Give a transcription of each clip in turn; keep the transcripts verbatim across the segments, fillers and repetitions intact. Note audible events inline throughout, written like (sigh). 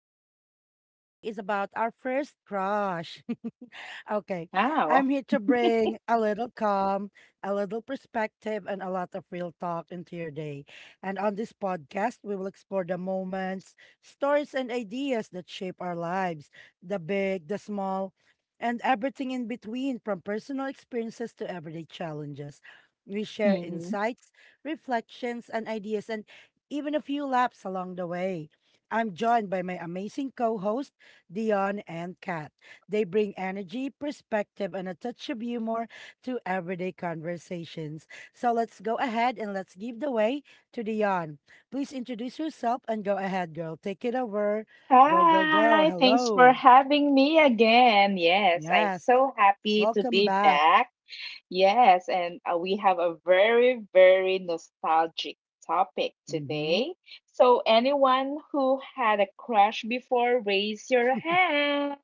Our topic for today is about our first crush. Okay. I'm Wow. here to bring a little calm, a little perspective, and a lot of real talk into your day. And on this podcast, we will explore the moments, stories, and ideas that shape our lives the big, the small, and everything in between, from personal experiences to everyday challenges. We share Mhm. insights, reflections, and ideas, and even a few laughs along the way. I'm joined by my amazing co host, Dion and Kat. They bring energy, perspective, and a touch of humor to everyday conversations. So let's go ahead and let's give the way to Dion. Please introduce yourself and go ahead, girl. Take it over. Go, go, go. Hi, thanks for Hello. having me again. Yes, I'm Yes. so happy to Welcome be back. back. Yes, and uh, we have a very, very nostalgic topic Mm-hmm. today. So, anyone who had a crush before, raise your hand.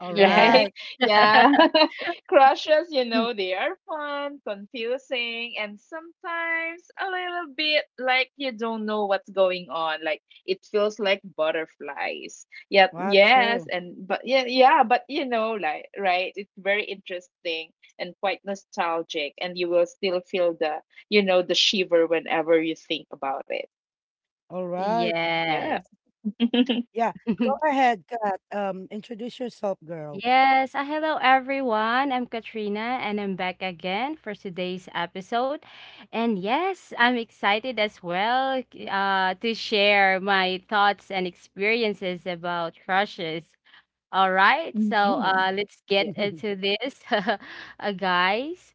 All Yeah. Right? right. (laughs) (laughs) Yeah. (laughs) Crushes, you know, (laughs) they are fun, confusing, and sometimes a little bit like you don't know what's going on. Like it feels like butterflies. Yeah, Wow, yes, true. and but yeah, yeah, but you know, like right, it's very interesting and quite nostalgic, and you will still feel the, you know, the shiver whenever you think about it. All right. Yeah. Yes. (laughs) Yeah. Go (laughs) ahead, Kat. Um, introduce yourself, girl. Yes. Uh, hello, everyone. I'm Katrina, and I'm back again for today's episode. And yes, I'm excited as well uh, to share my thoughts and experiences about crushes. All right. So Mhm. uh, let's Yeah. get (laughs) into this, (laughs) uh, guys.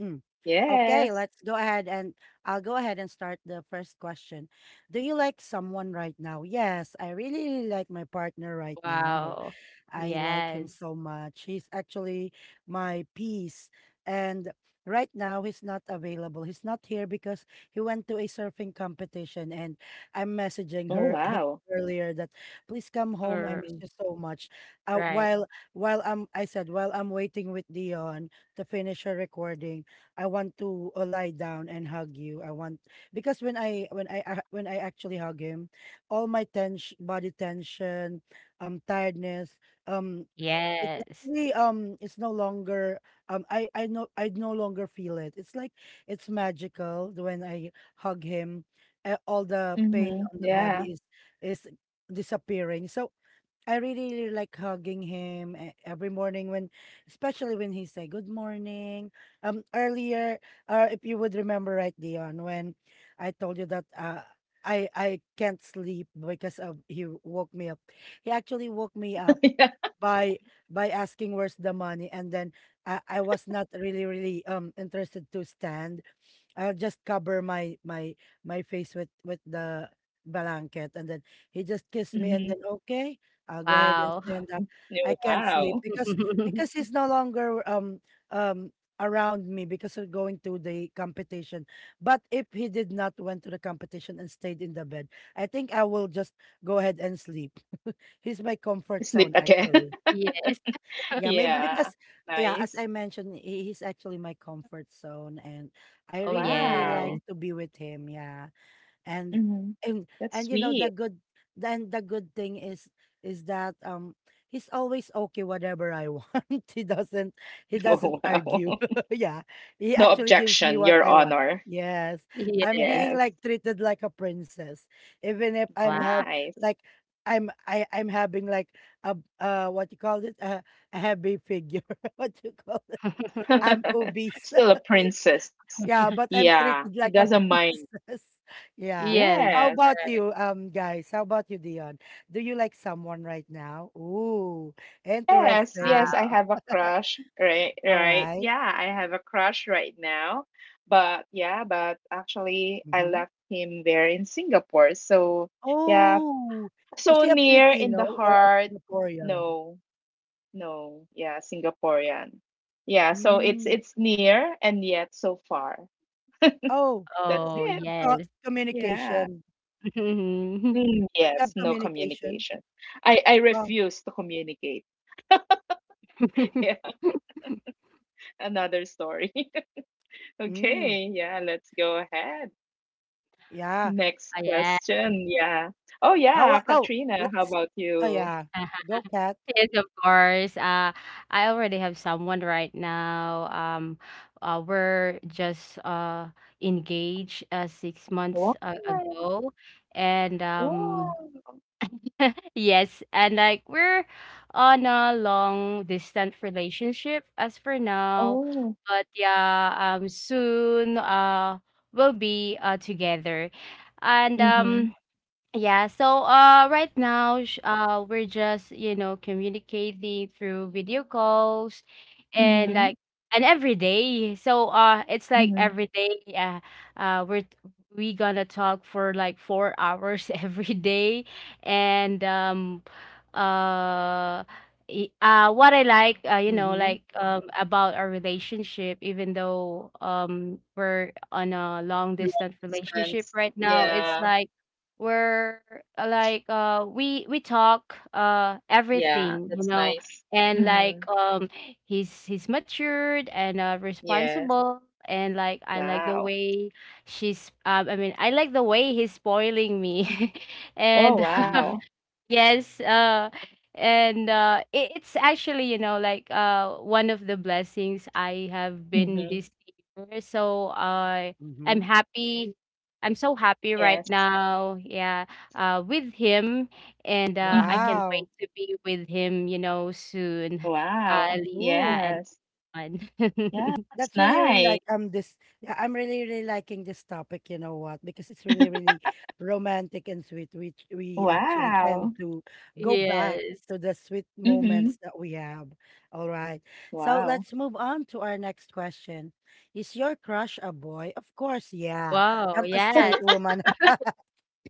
Mm. Okay, Yes. let's go ahead and I'll go ahead and start the first question. Do you like someone right now? Yes, I really, really like my partner right now. Wow. I like him Yes. so much. He's actually my piece. And right now, he's not available. He's not here because he went to a surfing competition. And I'm Oh messaging her him wow. earlier that please come home. I miss All you so much. Uh, right. while while I'm, I said while I'm waiting with Dion to finish her recording, I want to uh, lie down and hug you. I want because when I when I uh, when I actually hug him, all my tension, body tension, um, tiredness, um, it Yes. actually um, it's no longer um, I I no I no longer feel it. It's like it's magical when I hug him. Uh, all the pain Mm-hmm. on the Yeah. body is is disappearing. So I really, really like hugging him e- every morning when, especially when he say good morning. Um, earlier, or if you would remember, right, Dion, when I told you that uh, I I can't sleep because of he woke me up. He actually woke me up (laughs) Yeah. by by asking where's the money. And then I, I was not really, really um interested to stand. I'll just cover my my my face with with the blanket, and then he just kissed me, and then, Mhm. okay, I'll go ahead and Wow. stand up. I Oh, can't sleep wow. because because he's (laughs) no longer um um around me because of going to the competition. But if he did not went to the competition and stayed in the bed, I think I will just go ahead and sleep. He's my comfort Sleep zone again. actually. (laughs) Yes. Yeah, maybe Yeah. because yeah, as I Nice. mentioned, he, he's actually my comfort zone, and I Oh, really, really like Wow. yes. to be with him. Yeah. and Mhm. and That's and you know the sweet. good then the good thing is is that um he's always okay whatever I want. (laughs) he doesn't he (laughs) doesn't Oh, wow. argue. (laughs) (laughs) Yeah, he No actually gives me objection, what Your I want. Honor. Yes, I'm Yes. being Yes. like treated like a princess, even if I'm Wow. have Nice. like i'm i i'm having like a, uh what you call it, a, a heavy figure, (laughs) what you call it, (laughs) I'm (laughs) obese. Still (laughs) a Okay? princess. Yeah, but I'm Yeah. He treated like doesn't a (laughs) mind. princess. Yeah. Yes. Yes. How about you, um, guys? How about you, Dion? Do you like someone right now? Ooh, Yes, yes, interesting. I Wow. have a (laughs) crush, right, All right. right. Yeah, I have a crush right now. But yeah, but actually I Mm-hmm. left him there in Singapore. So yeah, Oh, is so she a near in Filipino the or a heart. Singaporean? No, no. Yeah, Singaporean. Yeah, so it's Mm. it's near and yet so far. Oh, That's Oh, it. you have co- yes. Yeah. communication. (laughs) Mhm. Mm, But you yes, have no communication. communication. I I Oh, refuse to communicate. (laughs) Yeah, (laughs) another story. mm, Okay, yeah, let's go ahead. yeah. Next Oh, yeah. question. Yeah. Oh, How? yeah, a- Oh, Katrina, how let's. about Oh, you? yeah. Go, (laughs) Cat. Yes, of course. Uh, I already have someone right now. Um, uh, we're just uh engaged uh six Wow. months uh, ago, and um, Wow. yes, and like we're on a long distance relationship as for now, Oh. but yeah, um soon uh we'll be uh together. And Mm-hmm. um yeah, so uh right now sh- uh we're just, you know, communicating through video calls and Mm-hmm. like and every day. So uh it's like Mm-hmm. every day uh, uh we're t- we gonna talk for like four hours (laughs) every day and um uh i- uh what I like uh, you know Mm-hmm. like um about our relationship even though um we're on a long Long distance relationship distance. right now it's Yeah. like we're uh, like uh we we talk uh Yeah, everything you that's know nice. and Mm-hmm. like um he's he's matured and uh Yes. responsible and like I like the Wow. way she's, um I mean, I like the way he's spoiling me (laughs) Oh, and (laughs) wow. Mm-hmm. yes, uh, and uh, it, it's actually, you know, like uh, one of the blessings I have been Mm-hmm. this year. So uh, I'm Mm-hmm. happy. I'm so happy right Yes. now. Yeah, uh, with him, and uh, I Mm-hmm. can't wait Wow. to be with him, you know, soon. Uh, Wow. Lisa Ooh, and Yes. on. Yeah, (laughs) that's that's really, really nice. like um this. Yeah, I'm really, really liking this topic. You know what? Because it's really, really romantic and sweet. We we actually tend Wow. to go back Yes. to the sweet Mm-hmm. moments that we have. All right. So Wow. let's move on to our next question. Is your crush a boy? Of course, yeah. Wow. I'm a straight Yes. woman. (laughs)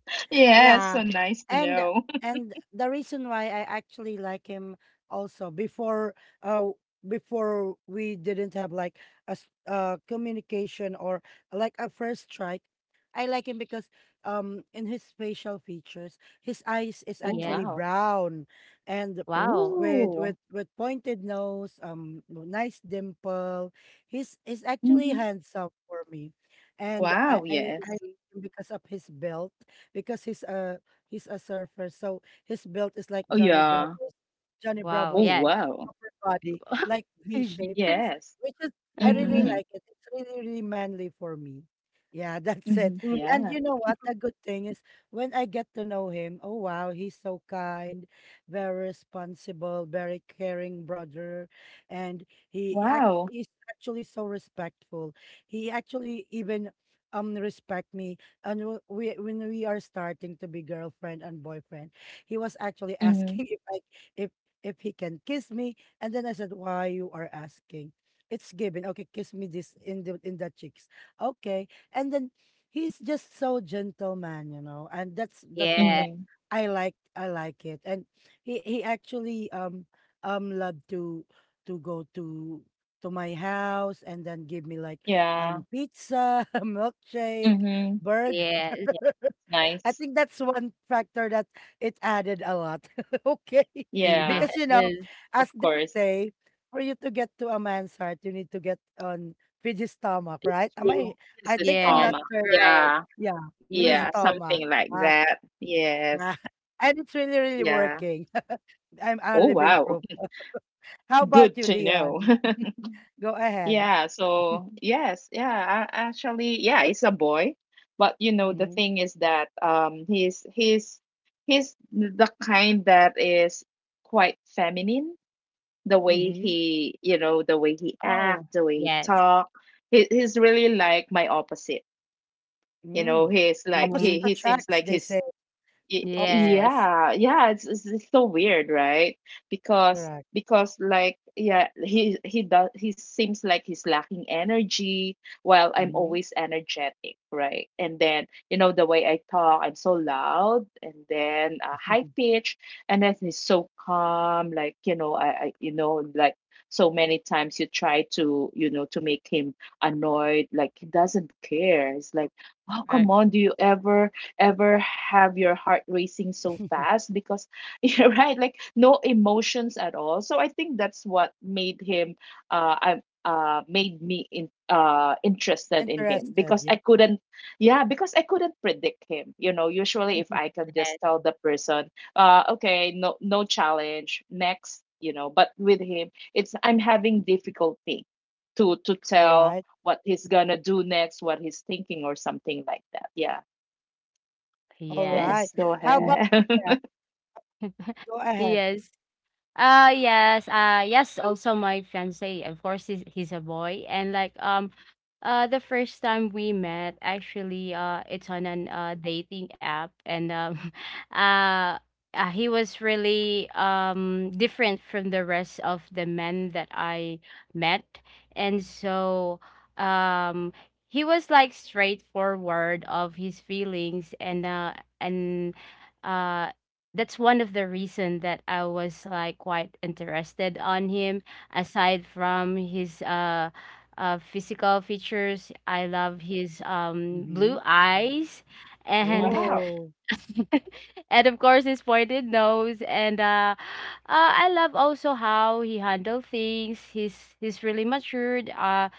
(laughs) Yeah, Yeah. so nice to And know. and the reason why I actually like him also before uh before we didn't have like a s- uh communication or like a first strike. I like him because um in his facial features, his eyes is Oh, Yes. actually wow. brown, and Wow. with with Oh. with pointed nose, um no, nice dimple. He's he's actually Hmm. handsome for me. And I Wow, I, I like yes. him because of his build, because he's a he's a surfer. So his belt is like Oh, Johnny yeah. Bravo's Johnny Wow. Oh, Bravo's Yes. wow. upper body, like V (laughs) shape, Yes. Yes. which is I really Mm-hmm. Mm-hmm. like it. It's really, really manly for me. Yeah, (laughs) that's it. Mm-hmm. Mm-hmm. And Yeah. you know what? The good thing is when I get to know him, oh wow, he's so kind, very responsible, very caring brother. And he act Wow. he's actually so respectful. He actually even um respect me. And w- we when we are starting to be girlfriend and boyfriend, he was actually Mm-hmm. asking (laughs) if I if if he can kiss me. And then I said, "Why you are asking? It's given. Okay, kiss me this in the in the cheeks. Okay." And then he's just so gentleman, you know. And that's the thing Yes, that Mm-hmm. I like I like it. And he he actually um um loved to to go to to my house, and then give me like Yeah. um pizza, (laughs) milkshake, Mm-hmm. burger. yes, Yeah. (laughs) That's I nice. think that's one factor that it added a lot. (laughs) Okay. (laughs) (laughs) yes, Yeah, Because, you know, of as they course. say, for you to get to a man's heart, you need to get on with his stomach, It's right? Am I, true. This I is think I'm yes, not karma. sure. right. Yeah. Yeah. Mhm. Through his Yeah. stomach. Something like Ah, that. Yes. yeah. (laughs) And it's really, really Yeah. working. (laughs) I'm a Oh, living wow. proof. (laughs) How (laughs) about Good you, to know. Dion? Go ahead. Yeah, so yes, yeah, a- actually, yeah, it's a boy. But you know, the Mm-hmm. thing is that um he's he's he's the kind that is quite feminine, the way Mm-hmm. he, you know, the way he act, Oh, the way he yes. talk. He, he's really like my opposite. You know, Mm. he's like Opposite Hmm. he he seems attracts, like they he's say. Y- Opposite Yes, attracts. yeah yeah it's, it's it's so weird, right? because Correct. because like yeah he he does he seems like he's lacking energy while I'm Mm-hmm. always energetic, right? And then you know the way I talk, I'm so loud and then uh, high pitch and then he's so calm. Like you know I, I you know like so many times you try to you know to make him annoyed, like he doesn't care. It's like, oh right. come on, do you ever ever have your heart racing so (laughs) fast because (laughs) you're Mhm. right, like no emotions at all. So I think that's what made him uh I uh made me in uh interested in him Interested. because I couldn't yeah, because I couldn't predict him. You know, usually if Yeah. I can Yes, just tell the person, uh okay, no no challenge, next, you know, but with him it's I'm having difficulty to to All right. tell what he's gonna do next, what he's thinking or something like that. Yeah. All yes. right. Yes, go How Mhm. about you, ahead. Kat? (laughs) Go ahead. Yes. Uh yes, uh yes, also my fiance, of course he's he's a boy and like um Uh, the first time we met, actually, uh, it's on an uh, dating app, and um, (laughs) uh, uh, he was really um different from the rest of the men that I met, and so um he was like straightforward of his feelings, and uh and uh that's one of the reason that I was like quite interested on him aside from his uh uh, physical features. I love his um, Mm-hmm. blue eyes and Wow. Oh. (laughs) and of course his pointed nose and uh, uh, I love also how he handle things. He's he's really matured uh,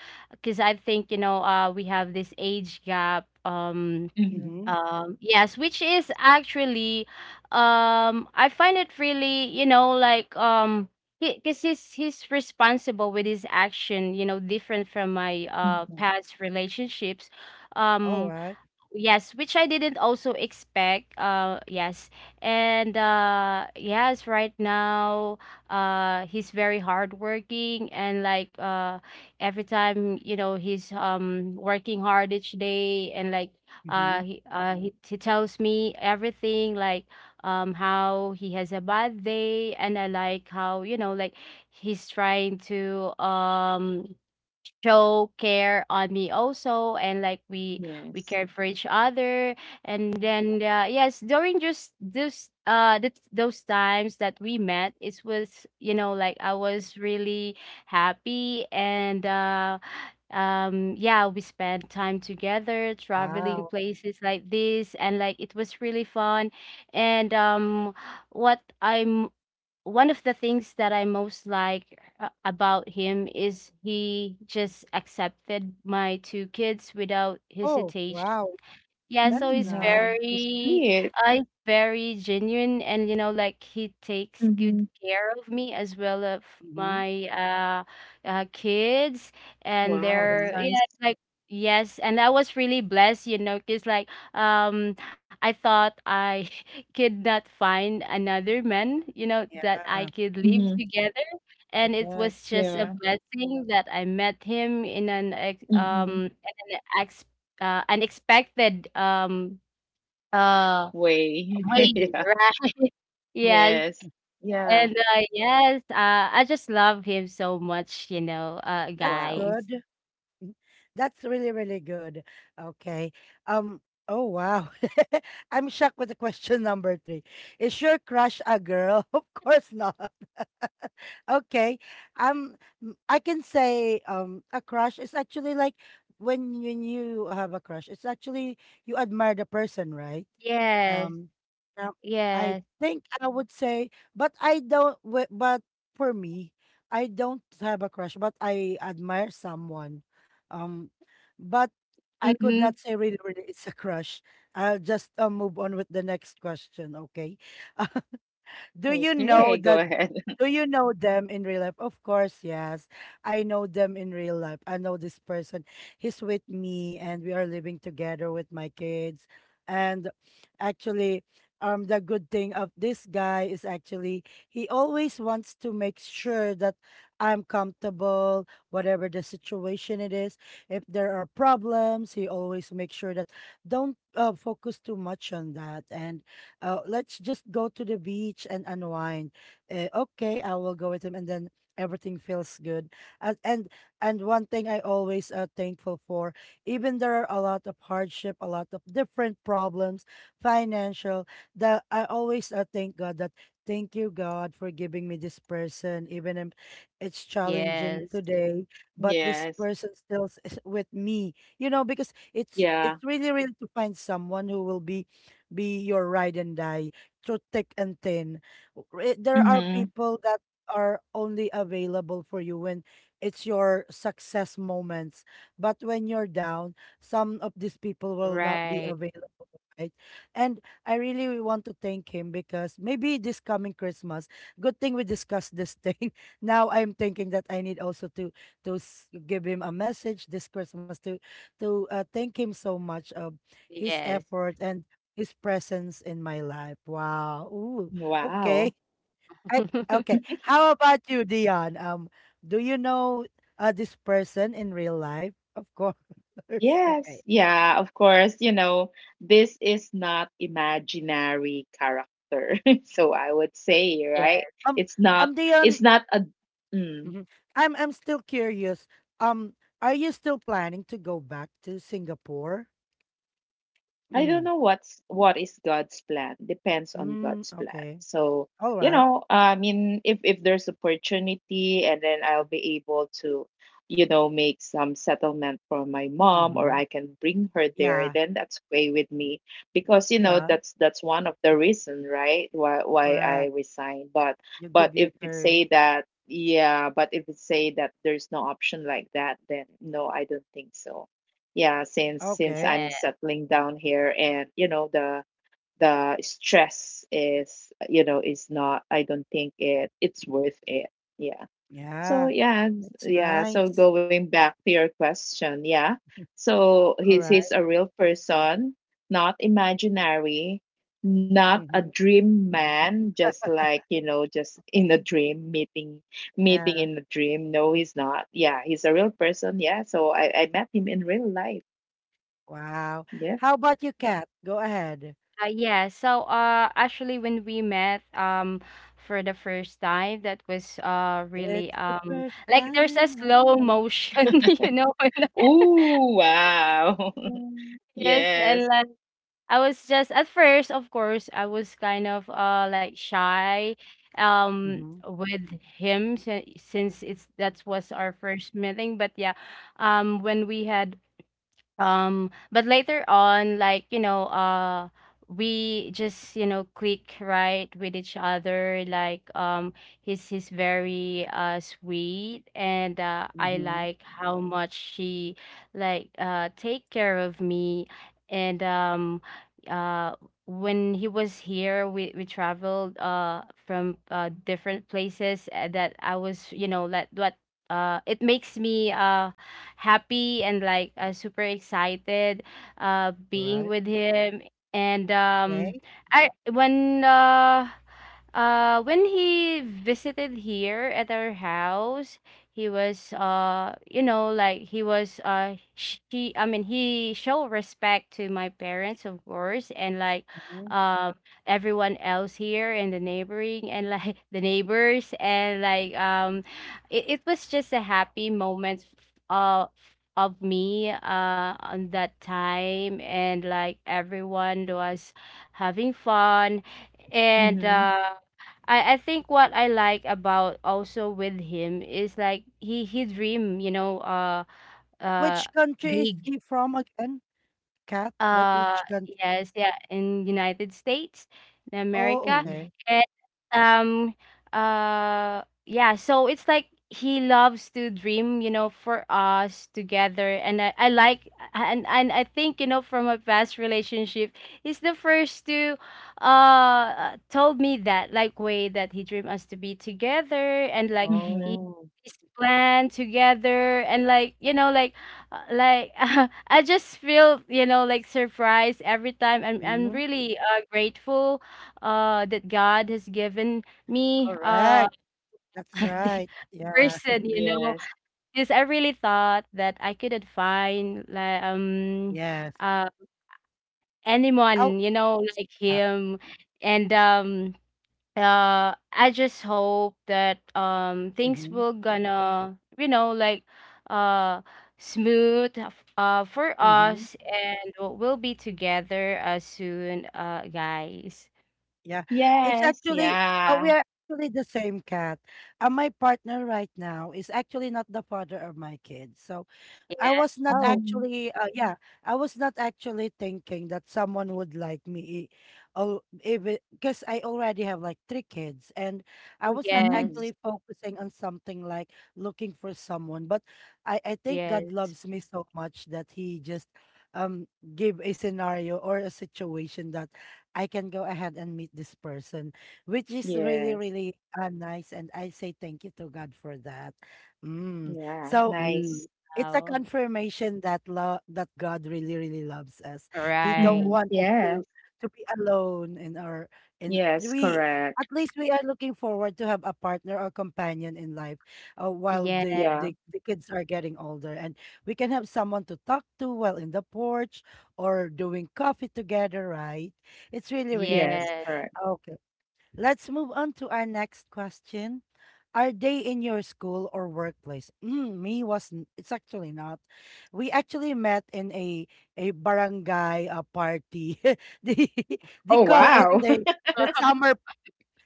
cuz I think you know uh, we have this age gap, um Mhm, Mm-hmm. um, yes, which is actually, um, I find it really, you know, like, um, because he's he's responsible with his action, you know, different from my uh mhm. past relationships. All Um, right. Yes, which I didn't also expect. Uh, yes, and uh, yes, right now, uh, he's very hardworking and like uh, every time you know he's um working hard each day and like Mm-hmm. uh he uh he, he tells me everything like um how he has a bad day and I like how you know like he's trying to um show care on me also and like we we Yes. cared for each other and then uh, yes, during just this uh th- those times that we met it was you know like I was really happy and uh um yeah, we spent time together traveling Wow. places like this and like it was really fun and um what I'm one of the things that I most like uh, about him is he just accepted my two kids without Oh, hesitation. wow. Yeah, so That's Mm, he's nice. wow, that's very, sweet. uh, he's very genuine, and you know, like he takes good Hmm. care of me as well of Mm-hmm. my uh, uh kids and Wow, that's Mm-hmm. their yeah, nice. like yes, and I was really blessed, you know, because like um, I thought I (laughs) could not find another man, you know, Yeah, that I could live Hmm. together, and it correct. was just a Yeah. blessing that I met him in an ex- um Hmm. in an uh, unexpected um uh Way. (laughs) way, Yeah. right? (laughs) Yes, Yes. Yeah. and uh, yes, uh, I just love him so much, you know, uh, That's Wow. guys. good. That's really, really good. Okay. Um, oh, wow. (laughs) I'm shocked with the question number three. Is your crush a girl? (laughs) Of course not. (laughs) Okay. Um, m- I can say um a crush is actually like when you you have a crush, it's actually you admire the person, right? Yes, Um, yeah, I yes. think I would say, but I don't. wi- But for me, I don't have a crush, but I admire someone. Um, but I could Mm-hmm. not say really, really it's a crush. I'll just uh, move on with the next question, okay? (laughs) Do you know Okay, go that ahead. (laughs) do you know them in real life? Of course, yes. I know them in real life. I know this person. He's with me, and we are living together with my kids. And actually, um the good thing of this guy is actually he always wants to make sure that I'm comfortable, whatever the situation it is. If there are problems, he always makes sure that don't uh, focus too much on that, and uh, let's just go to the beach and unwind. Uh, okay, I will go with him, and then everything feels good. And and and one thing I always uh, thankful for, even there are a lot of hardship, a lot of different problems, financial. That I always uh, thank God that thank you God for giving me this person, even if it's challenging Yes, today, but this Yes. person still is with me. You know, because it's Yeah. it's really, really to find someone who will be be your ride and die through thick and thin. W- there are Hmm. people that are only available for you when it's your success moments. But when you're down, some of these people will not be right. available, right? And I really want to thank him because maybe this coming Christmas, good thing we discussed this thing. (laughs) Now I'm thinking that I need also to to s- give him a message this Christmas to to uh, thank him so much of his Yes. effort and his presence in my life. Wow. Ooh. Wow. Okay. I, okay. (laughs) How about you, Dion? Um, do you know uh, this person in real life? Of course. (laughs) Okay. Yes, yeah, of course. You know, this is not imaginary character. (laughs) So I would say, Yeah. right? Um, It's not um, it's Dion, not a mm, mhm, I'm I'm still curious. Um, are you still planning to go back to Singapore? I don't Mm. know what's what is God's plan. Depends on Mm, God's plan. okay. So, All you right. know, I mean, if if there's opportunity and then I'll be able to, you know, make some settlement for my mom or Mm-hmm. I can bring her there, Yeah. then that's okay with me because you know Yeah. that's that's one of the reason, right? Why why I Correct. resign. But You but give your if it say career. that yeah, but if it say that there's no option like that, then no, I don't think so. Yeah, since since Okay. I'm Yeah. settling down here and you know the the stress is, you know, is not, I don't think it it's worth it. Yeah, so Yeah. yeah it's- That's yeah, so nice. going back to your question, yeah, so All he's he's right. a real person, not imaginary, not a Mm-hmm. dream man, just like you know, just in a Okay. dream, meeting meeting Yeah. in a dream, no he's not. Yeah, he's a real person. Yeah, so i i met him in real life. Wow. Yeah. How about you, Kat? Go ahead. Uh, yeah. So, uh, actually, when we met, um, for the first time, that was uh really It's the um first like there's a time of slow my life. motion, (laughs) you know. Oh wow. (laughs) Yes, and Yes. like. I was just at first, of course, I was kind of uh like shy um Mhm. with him si- since it's that was our first meeting. But yeah, um when we had um but later on like you know uh we just you know click right with each other like um he's he's very uh sweet and uh I Mhm. like how much she like uh take care of me and um uh when he was here we we traveled uh from uh different places uh, that I was you know like what uh it makes me uh happy and like uh, super excited uh being Right. with him and um Okay. I when uh uh, when he visited here at our house, he was uh, you know, like he was uh, she. I mean, he showed respect to my parents, of course, and like, Mhm. um, everyone else here in the neighboring and like (laughs) the neighbors and like um, it, it was just a happy moment. Uh. Of me, uh, on that time, and like everyone was having fun, and Mm-hmm. uh I I think what I like about also with him is like he he dream, you know, uh uh Which country is big he from again, Kat? What? uh Which country? yes, yeah, in United States, in Oh, America, Mm-hmm. okay. um uh yeah, so it's like he loves to dream you know for us together and i, I like and and I think you know from a past relationship he's the first to uh uh, told me that like way that he dreamed us to be together and like he Mm-hmm. Oh. his plan together and like you know like uh, like (laughs) I just feel you know like surprised every time i'm i'm Mhm. really uh, grateful uh that God has given me uh Correct. That's (laughs) the right. Yeah. person, you know, Yes. because I really thought that I couldn't find like um Yes. uh Oh. anyone, you know, like Yeah. him. And um uh I just hope that um things Mhm. will gonna you know like uh smooth uh for Mhm. us and we'll we'll be together uh soon uh guys. Yeah. It's Yes. actually uh, we Yeah. are actually the same, cat. Uh, my partner right now is actually not the father of my kids. So I Yes. was not Oh, Mm-hmm. actually, uh, yeah, I was not actually thinking that someone would like me. Oh, even because I already have like three kids, and I oh was not Mm. yes. actually focusing on something like looking for someone. But I, I think God Yes. loves me so much that He just um give a scenario or a situation that I can go ahead and meet this person, which is really, Yes. really uh, nice. And I say thank you to God for that. Mm. Yeah. So Mm. Nice. it's a Wow. confirmation that love that God really, really loves us. He don't Mm-hmm. Right. want us to Yes. to be alone in our in Yes. we at Correct. least we are looking forward to have a partner or companion in life uh, while Yes. the, Yeah. the the kids are getting older and we can have someone to talk to while in the porch or doing coffee together, right? It's really, really nice. Yes. Yes. Correct. Okay. Let's move on to our next question. Are they in your school or workplace? Mm, me was n- it's actually not. We actually met in a a barangay uh, party. (laughs) they they Oh, call it wow. the (laughs) the summer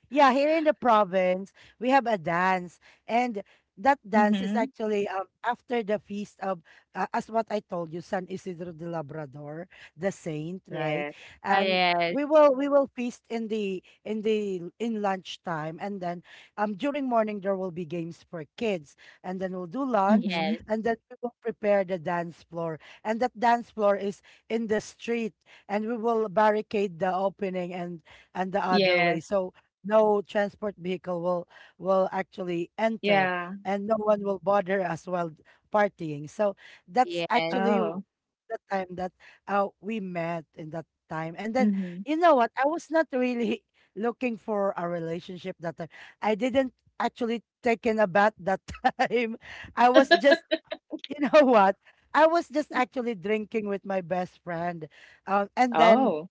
yeah, here in the province, we have a dance, and that dance is Mm-hmm. actually um, after the feast of, uh, as what I told you, San Isidro de Labrador, the saint, right? Yes. Oh, And yes. we will we will feast in the in the in lunchtime, and then um during morning there will be games for kids, and then we'll do lunch, Mm-hmm. Yes. and then we will prepare the dance floor, and that dance floor is in the street, and we will barricade the opening and and the other way. Yes. So no transport vehicle will will actually enter Yeah. and no one will bother us while partying so that's Yes. actually w- Oh. the time that uh, we met in that time. And then Mm-hmm. you know what? I was not really (laughs) looking for a relationship that time. I didn't actually taken a bath that (laughs) time. I was (laughs) just you know (laughs) what, I was just actually drinking with my best friend. Uh, and then Oh.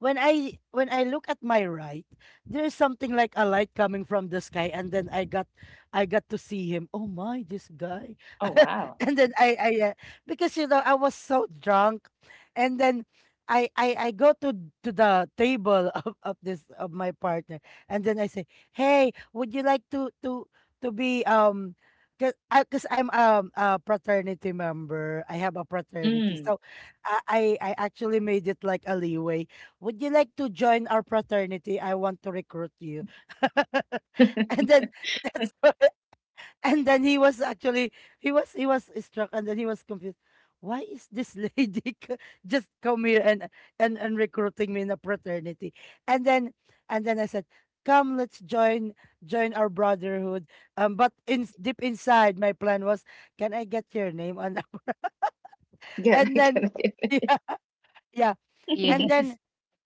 when I when I look at my right, there's something like a light coming from the sky, and then I got I got to see him. Oh my, this guy! Oh, wow. (laughs) And then I I uh, because you know I was so drunk, and then I I I go to to the table (laughs) of, of this of my partner, and then I say, "Hey, would you like to to to be um. Cause, I, cause I'm um, a fraternity member. I have a fraternity, Mm. so I, I I actually made it like a leeway. Would you like to join our fraternity? I want to recruit you. (laughs) (laughs) Get And then that's (laughs) and then he was actually he was he was struck and then he was confused. Why is this lady (laughs) c- just come here and, and and recruiting me in a fraternity? And then and then I said, "Come, let's join join our brotherhood." Um, but in deep inside, my plan was, "Can I get your name on?" (laughs) it. Get And it. then Get (laughs) it. yeah, yeah. and Yes. then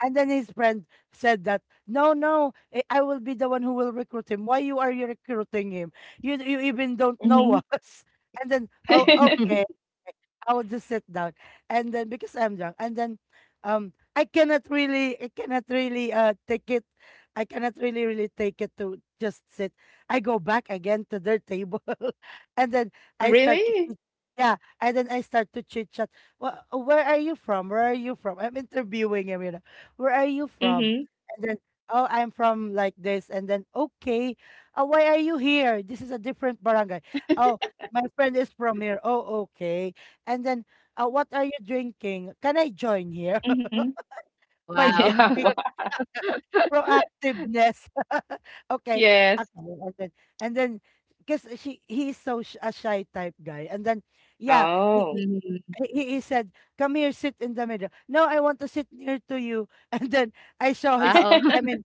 and then his friend said that, "No, no, eh, I will be the one who will recruit him. Why you are you recruiting him? you you even don't (laughs) know Mhm. us." (laughs) And then, "Oh, (laughs) okay. (laughs) I would just sit down." And then because I'm drunk, and then um I cannot really I cannot really uh take it. I cannot really really take it to just sit. I go back again to their table, (laughs) and then I start to Really? chit- yeah, and then I start to chit chat. Well, where are you from? Where are you from? I'm interviewing him, you know. Where are you from? Mhm. And then, oh, I'm from like this, and then okay, uh, why are you here? This is a different barangay. Oh, my friend is from here. Oh, okay. And then, uh, "What are you drinking? Can I join here?" (laughs) Mhm. My Wow. Yeah, (laughs) technique, wow. (laughs) proactiveness. (laughs) Okay, Yes. okay, and then and then, because she he's so sh a shy type guy. And then, yeah, he (laughs) Oh. he Mhm. he he said, "Come here, sit in the middle." "No, I want to sit near to you." (laughs) And then I saw his, Wow. I (laughs) (laughs) mean,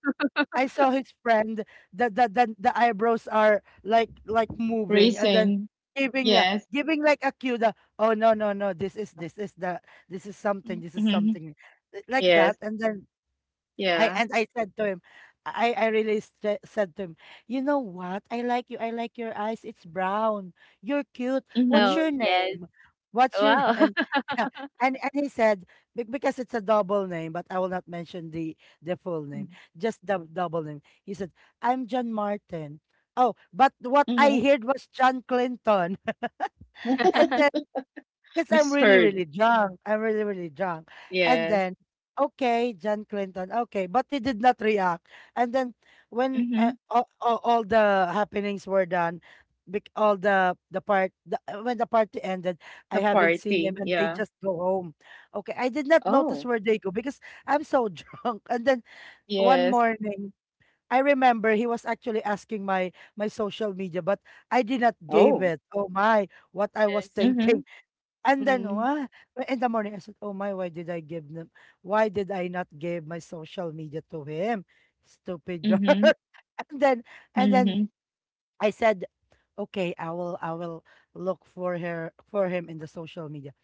I saw his friend, the the the, the eyebrows are like like moving, and then Racing. giving the Yes. giving like a cue. The, oh no no no, this is this is the, this is something, this is Mhm. something li- like that. Yes. And then I, Yeah. and I said to him, I I really sa- said to him, you know what? I like you. I like your eyes. It's brown. You're cute. What's Mhm. Oh, your yes. name? What's your name? Wow. And (laughs) yeah, and and he said, "Be- because it's a double name, but I will not mention the the full name, just the double name." He said, "I'm John Martin." Oh, but what I Mm-hmm. heard was John Clinton, (laughs) and (laughs) then (laughs) because I'm really, Misheard. really drunk. I'm really, really drunk. And Yes. then, okay, John Clinton, okay, but he did not react. And then when, uh, Mhm. all, all, all the happenings were done, bec- all the the part the, uh, when the party ended, I The haven't seen party. him, and they Yeah. just go home. Okay, I did not notice Oh. where they go because I'm so (laughs) drunk. And then one Yes. morning, I remember he was actually asking my my social media, but I did not give Oh. it. Oh my, what I was Yes. Mm-hmm. thinking. And then Mm. what? In the morning, I said, "Oh my, why did I give them? Why did I not give my social media to him? Stupid girl." Mm-hmm. (laughs) and then, and then Mm-hmm. I said, "Okay, I will, I will look for her for him in the social media."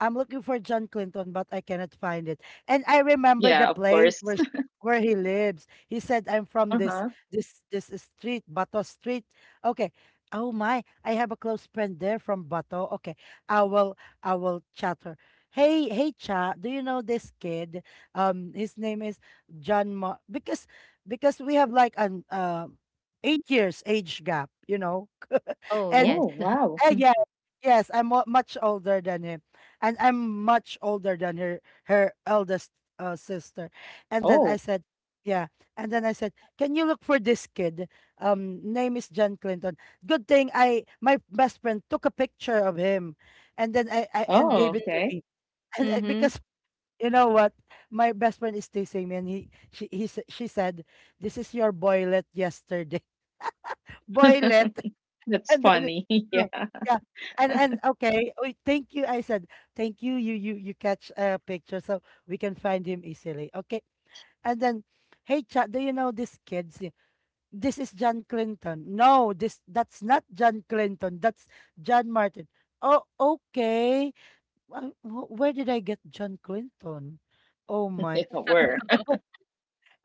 I'm looking for John Clinton, but I cannot find it. And I remember the Yeah, of place course. where sh- (laughs) where he lives. He said, "I'm from this Uh-huh. this this street, Bato Street." Okay. Oh my, I have a close friend there from Bato. Okay, I will I will chat her. Hey, hey, Cha, do you know this kid? Um, his name is John Ma, because because we have like an um eight years age gap, you know, (laughs) Oh, and yes. Oh, wow. uh, yeah, yes, I'm mu- much older than him, and I'm much older than her her eldest, uh, sister. And then Oh. I said, yeah. And then I said, can you look for this kid? Um, name is John Clinton. Good thing I my best friend took a picture of him, and then I, I and Oh, gave Mm-hmm. (laughs) it to okay. me, (laughs) and uh, because. You know what? My best friend is teasing me, and he she he s- she said, "This is your boylet yesterday." (laughs) Boylet (laughs) (laughs) That's and then funny. (laughs) Yeah. no, yeah. And and okay, we thank you. I said, "Thank you, you you you catch a picture so we can find him easily." Okay. And then, hey chat do you know this kids this is John Clinton. "No, this, that's not John Clinton, that's John Martin." Oh, okay. Wh- wh- where did I get John Clinton? Oh Yeah, my, were.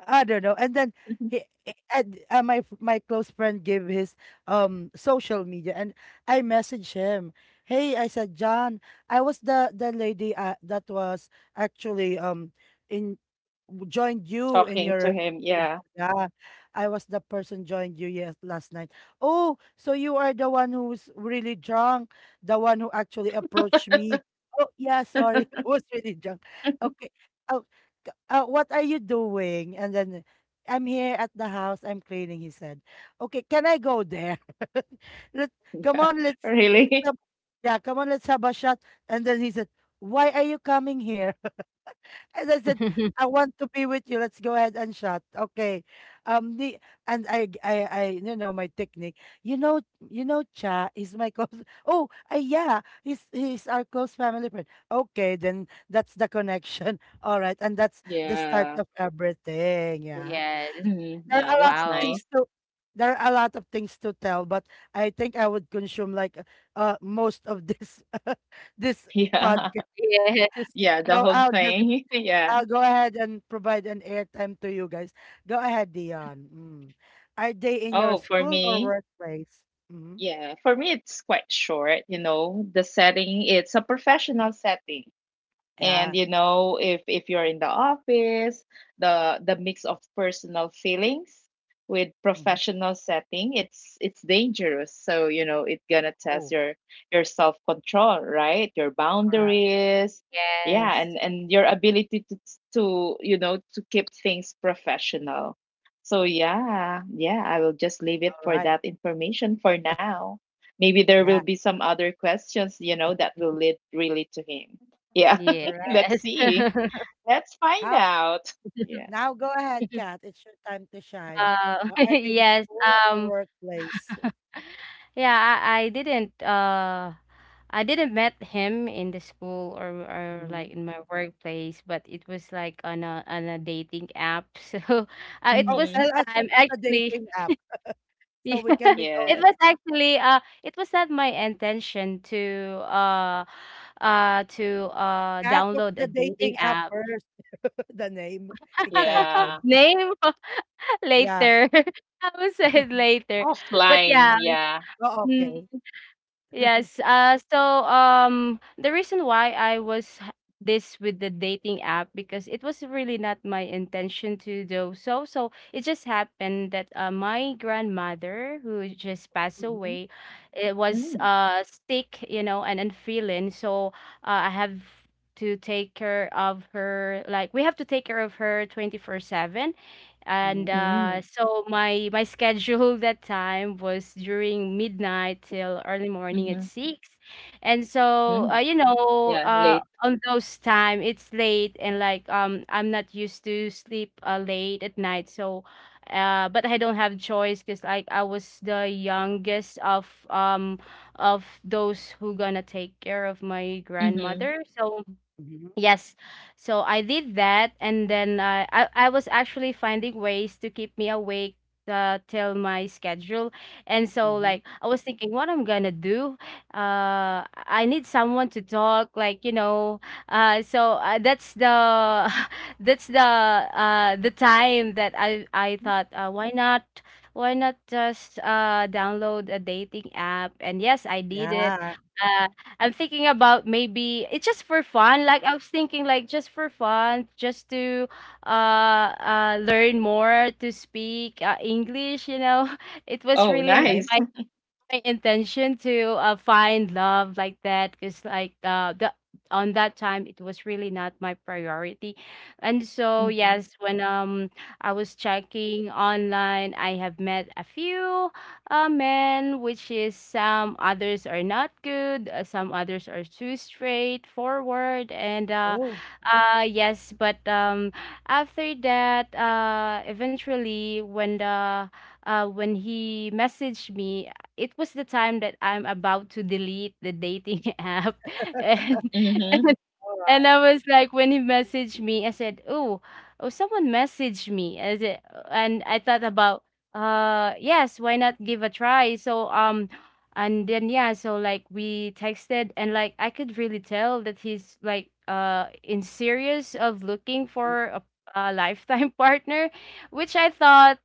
I don't know. And then (laughs) he he- and uh, my f- my close friend gave his um social media, and I messaged him. Hey, I said, John, I was the the lady, uh, that was actually um in w- joined you in Talking to your, him. Yeah, yeah, I was the person joined you yes last night. Oh, so you are the one who's really drunk, the one who actually approached me. Oh yeah, sorry, (laughs) I was really drunk. Okay. Oh, "K- uh, what are you doing?" And then, "I'm here at the house. I'm cleaning," he said. Okay, can I go there? (laughs) Let come on, (laughs) let's, let's really. have, yeah, come on, let's have a shot. And then he said, why are you coming here? As I said, I want to be with you. Let's go ahead and shot. Okay. Um the, and I, I, I, you know my technique. You know you know Cha is my (laughs) close, oh I, yeah, he's he's our close family friend. Okay, then that's the connection. (laughs) All right, and that's the start Yeah. of everything. Yeah. Yes. Hmm. There Yeah, are a lot that's of Wow. things nice. to (laughs) there are a lot of things to tell, but I think I would consume like uh most of this (laughs) this Yeah, podcast. Yeah. Yes. yeah, the So whole I'll just thing. (laughs) Yeah. I'll go ahead and provide an airtime to you guys. Go ahead, Dion. Mm. Are they in your Oh, for school or me, workplace? Mm-hmm. yeah, for me, it's quite short. You know, the setting, it's a professional setting. And Yeah. you know if if you're in the office, the the mix of personal feelings with Hmm. professional setting, it's it's dangerous. So you know it's gonna test Oh, your your self control, right? Your correct. boundaries. Yeah, Yes. and and your ability to to you know to keep things professional. So yeah, yeah, I will just leave it All for right. that information for now. Maybe there will Yeah, be some other questions, you know, that will lead really to him. Yeah. Yes. correct. Let's see. Let's find How out. Yeah. (laughs) now? Go ahead, Kat. It's your time to shine. Uh, Uh, (laughs) Are they in yes. school or Um, workplace? (laughs) Yeah, I, I didn't uh I didn't met him in the school or or like Mhm. in my workplace, but it was like on a on a dating app. (laughs) So uh, it Oh, was Mm-hmm. tell the us time what's the actually. dating (laughs) app so Yeah, we can meet it Yes. was also. actually uh it was not my intention to uh uh to uh Kat, what's download a the dating dating app app. first? (laughs) The name. (laughs) Excited. Yeah. Name (laughs) Yeah. later. (laughs) I will say it later. But Offline. yeah. Yeah. Oh, Mm, okay. yes. Uh, so um, the reason why I was h- this with the dating app because it was really not my intention to do so. So it just happened that uh, my grandmother, who just passed Mm-hmm. away, it was Mm. uh sick, you know, and unfeeling. So uh, I have to take care of her. Like we have to take care of her twenty four seven and Mm-hmm. uh, Mm. so my my schedule (laughs) that time was during midnight till early morning at Mm-hmm. six and so uh, Mm. you know Yeah. uh, Late. on those time it's late and like um I'm not used to sleep uh, late at night so uh, but I don't have choice because like I was the youngest of um of those who gonna take care of my Mm-hmm. grandmother. So Mm-hmm. yes. So I did that and then uh, I I was actually finding ways to keep me awake uh, till my schedule. And so Mm-hmm. like I was thinking what I'm gonna do. Uh I need someone to talk like you know. Uh so uh, that's the (laughs) that's the uh the time that I I thought uh, why not why not just uh download a dating app and yes, I did it. Yeah, Uh, I'm thinking about maybe it's just for fun. Like I was thinking like just for fun, just to uh uh learn more to speak uh, English, you know. (laughs) It was Oh, really not okay. nice. my (laughs) my intention to uh, find love like that because like uh, the on that time it was really not my priority. And so Mm-hmm. yes when um I was checking online. I have met a few uh, men, which is some others are not good, uh, some others are too straightforward, and uh, Oh, uh yes. But um after that, uh eventually when the uh, when he messaged me, it was the time that I'm about to delete the dating (laughs) app. and Mm-hmm. and, and alright. I was like, when he messaged me, I said, oh, oh someone messaged me as it, and I thought about, uh yes, why not give a try? So um and then yeah so like we texted and like I could really tell that he's like uh in serious of looking for a, a lifetime (laughs) partner, which I thought,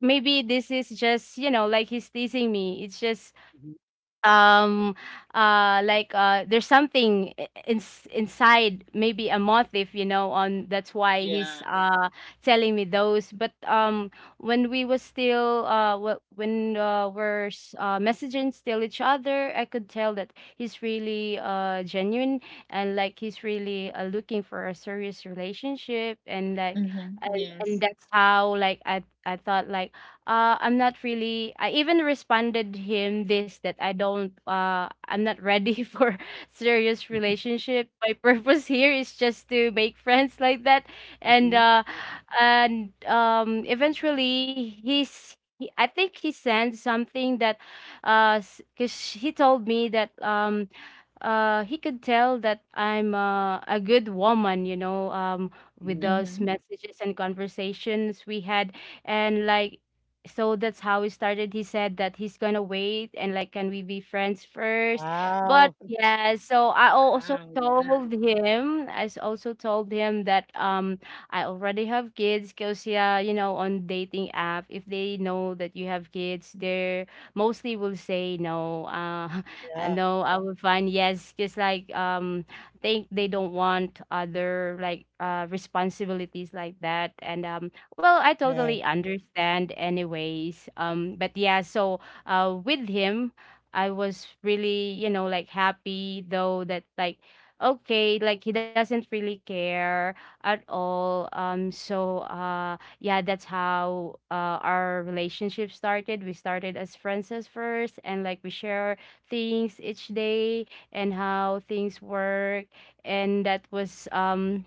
maybe this is just, you know, like he's teasing me. It's just Mhm, um uh like uh there's something i- ins inside, maybe a motif, you know, on that's why he's Yeah. uh telling me those. But um when we was still uh wh- when uh, we're s- uh, messaging still each other, I could tell that he's really uh genuine, and like he's really uh, looking for a serious relationship, and like Mm-hmm. and and Yes. that's how like I I thought like, uh I'm not really. I even responded him this that I don't uh I'm not ready (laughs) for serious relationship. My purpose here is just to make friends like that. And mhm, uh and um Eventually he's he, I think he sent something that, uh cuz he told me that, um uh, he could tell that I'm uh, a good woman, you know, um, with mhm. those Mm-hmm. messages and conversations we had. And like, so that's how we started. He said that he's gonna wait and like, can we be friends first? But Wow. yeah, so I also Wow. Yeah. told him, I s- also told him that um, I already have kids because, yeah, you know, on dating app, if they know that you have kids, they're mostly will say no. Uh, uh, Yeah, no, I would find yes, because like um, think they don't want other like uh responsibilities like that, and um, well, I yeah. totally understand, anyways. Um, but yeah, so uh, with him, I was really, you know, like happy though that like okay, like he doesn't really care at all. Um, so uh, yeah, that's how uh, our relationship started. We started as friends at first, and like we share things each day and how things work, and that was um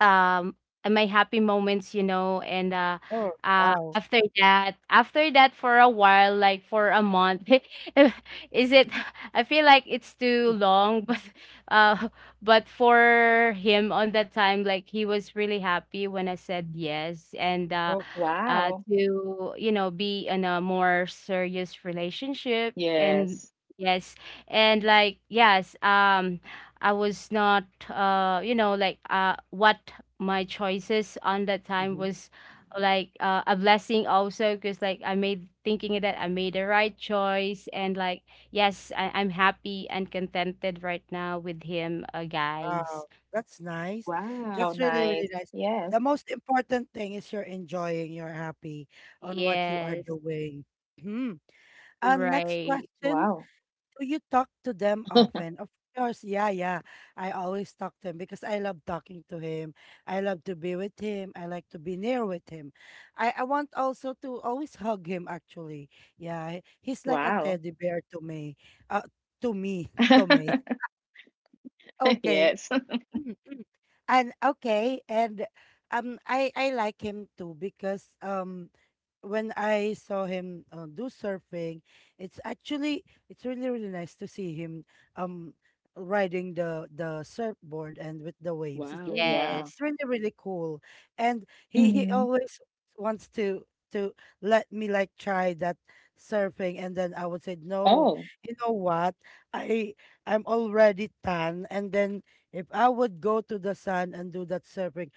um my happy moments, you know. and uh Oh, uh wow. after that, after that for a while, like for a month, (laughs) is it? (laughs) I feel like it's too Mm-hmm, long. (laughs) but uh but for him on that time, like he was really happy when I said yes, and uh oh, uh Wow. to, you know, be in a more serious relationship. And Yes. yes, and like, yes, um I was not, uh, you know, like, uh, what my choices on that time mhm. was like, uh, a blessing also, because like I made thinking that I made the right choice, and like, yes, I- I'm happy and contented right now with him, uh, guys. Wow. That's nice. Wow. That's really, Nice. really nice. Yes. The most important thing is you're enjoying, you're happy on what you are Yes, doing. Mhm. And next right. question. Wow. Do you talk to them often? Of course, yeah, yeah. I always talk to him because I love talking to him. I love to be with him. I like to be near with him. I, I want also to always hug him, actually. Yeah, he- he's like a Wow. teddy bear to me. Uh, to me, (laughs) to me. (laughs) Okay. Yes. Mm, mm. And okay, and um I I like him too because um when I saw him uh, do surfing, it's actually it's really really nice to see him um riding the the surfboard and with the waves. It's Wow. really Yeah. It's Yes. really really cool, and he he Mm-hmm. always wants to to let me like try that surfing, and then I would say no. Oh. You know what? I I'm already tan, and then if I would go to the sun and do that surfing.